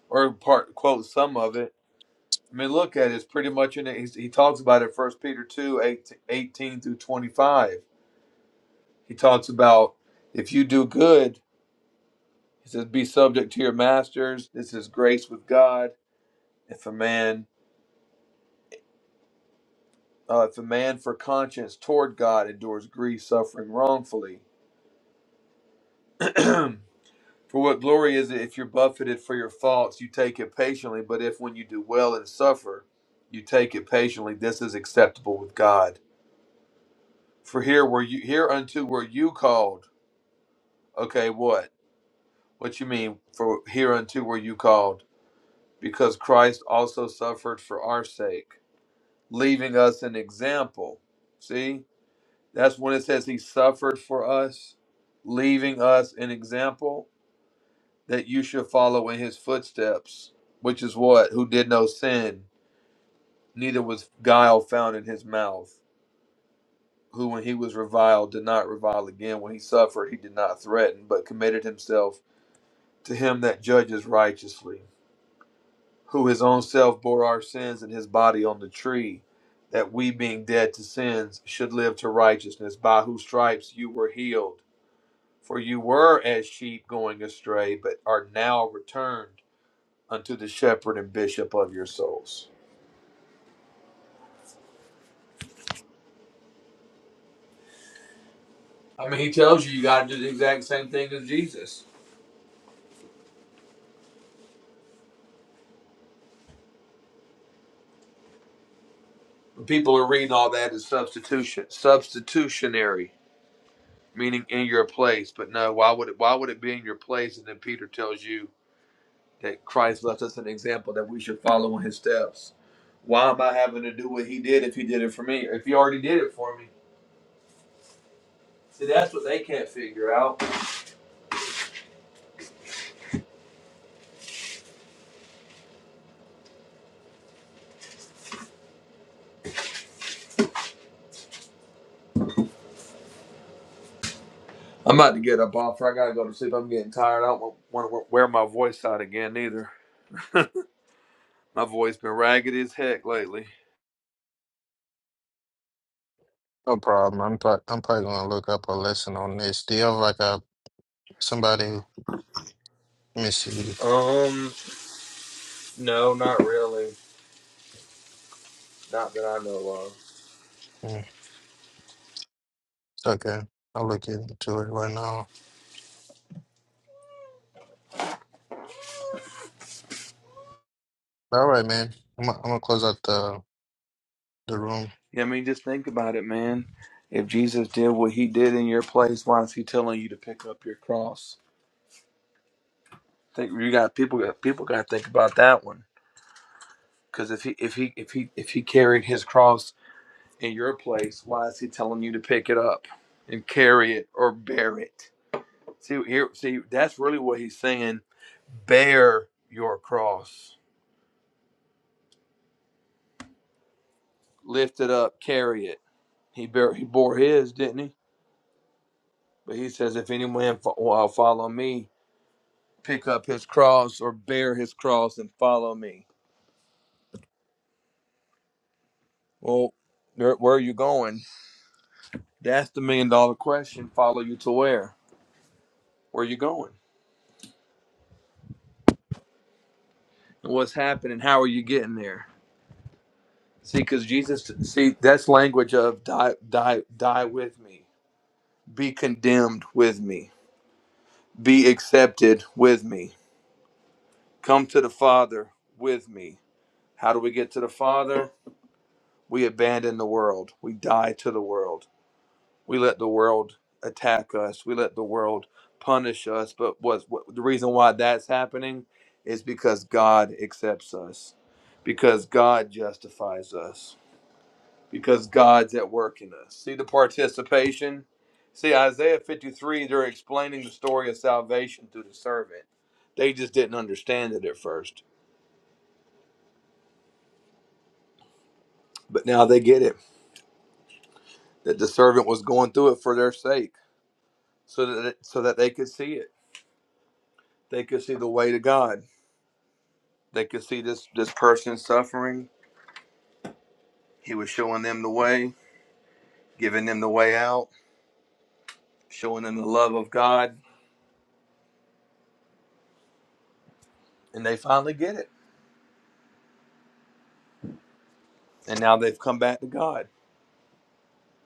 S2: or part quotes some of it I mean, look at it. It's pretty much in it. He's, he talks about it. First Peter 2, 18, through 25. He talks about if you do good, he says, be subject to your masters. This is grace with God. If a man, uh, if a man for conscience toward God endures grief, suffering wrongfully, for what glory is it if you're buffeted for your faults, you take it patiently? But if when you do well and suffer, you take it patiently, this is acceptable with God. For here were you hereunto were you called Okay, what? What you mean, for hereunto were you called? Because Christ also suffered for our sake, leaving us an example. See, that's when it says he suffered for us, leaving us an example that you should follow in his footsteps, which is what? Who did no sin, neither was guile found in his mouth. Who, when he was reviled, did not revile again. When he suffered, he did not threaten, but committed himself to him that judges righteously who his own self bore our sins in his body on the tree, that we, being dead to sins, should live to righteousness, by whose stripes you were healed. For you were as sheep going astray, but are now returned unto the shepherd and bishop of your souls. I mean, he tells you you got to do the exact same thing as Jesus. When people are reading all that as substitution, substitutionary, meaning in your place. But no, why would it? Why would it be in your place? And then Peter tells you that Christ left us an example that we should follow in his steps. Why am I having to do what he did if he did it for me? If he already did it for me. See, that's what they can't figure out. I'm about to get up off her. I gotta go to sleep. I'm getting tired. I don't want to wear my voice out again either. my voice been ragged as heck lately.
S1: No problem. I'm pro- I'm probably gonna look up a lesson on this. Do you have like a somebody? Let me see.
S2: Um, no, not really. Not that I know of.
S1: Mm, It's okay. I'll look into it right now. All right, man. I'm gonna, I'm gonna close out the the room.
S2: Yeah, I mean, just think about it, man. If Jesus did what he did in your place, why is he telling you to pick up your cross? think you got people got people got to think about that one because if he if he if he if he carried his cross in your place, why is he telling you to pick it up and carry it or bear it? See here, see that's really what he's saying. Bear your cross, lift it up, carry it. He bear he bore his, didn't he? But he says, if any man fo- will follow me, pick up his cross or bear his cross and follow me. Well, where, where are you going? That's the million dollar question. Follow you to where? Where you going? And what's happening? How are you getting there? See, because Jesus, see, that's language of die, die, die with me, be condemned with me, be accepted with me, come to the Father with me. How do we get to the Father? We abandon the world, we die to the world We let the world attack us. We let the world punish us. But what's what, the reason why that's happening is because God accepts us, because God justifies us, because God's at work in us. See the participation? See, Isaiah 53, they're explaining the story of salvation through the servant. They just didn't understand it at first, but now they get it that the servant was going through it for their sake so that so that they could see it. They could see the way to God They could see this this person suffering. He was showing them the way, giving them the way out, showing them the love of God, and they finally get it. And now they've come back to God.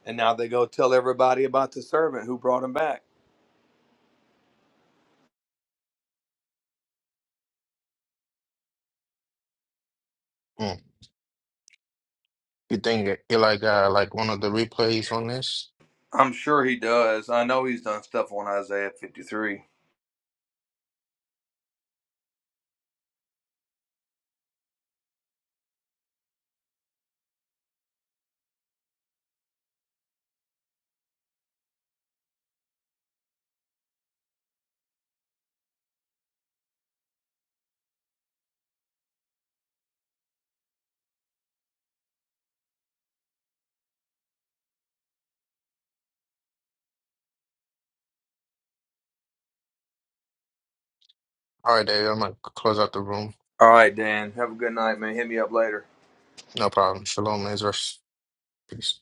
S2: And now they go tell everybody about the servant who brought him back.
S1: Mm. You think Eli got like uh, like one of the replays on this?
S2: I'm sure he does. I know he's done stuff on Isaiah 53.
S1: All right, Dave. I'm gonna close out the room.
S2: All right, Dan. Have a good night, man. Hit me up later.
S1: No problem. Shalom, Lazarus. Peace.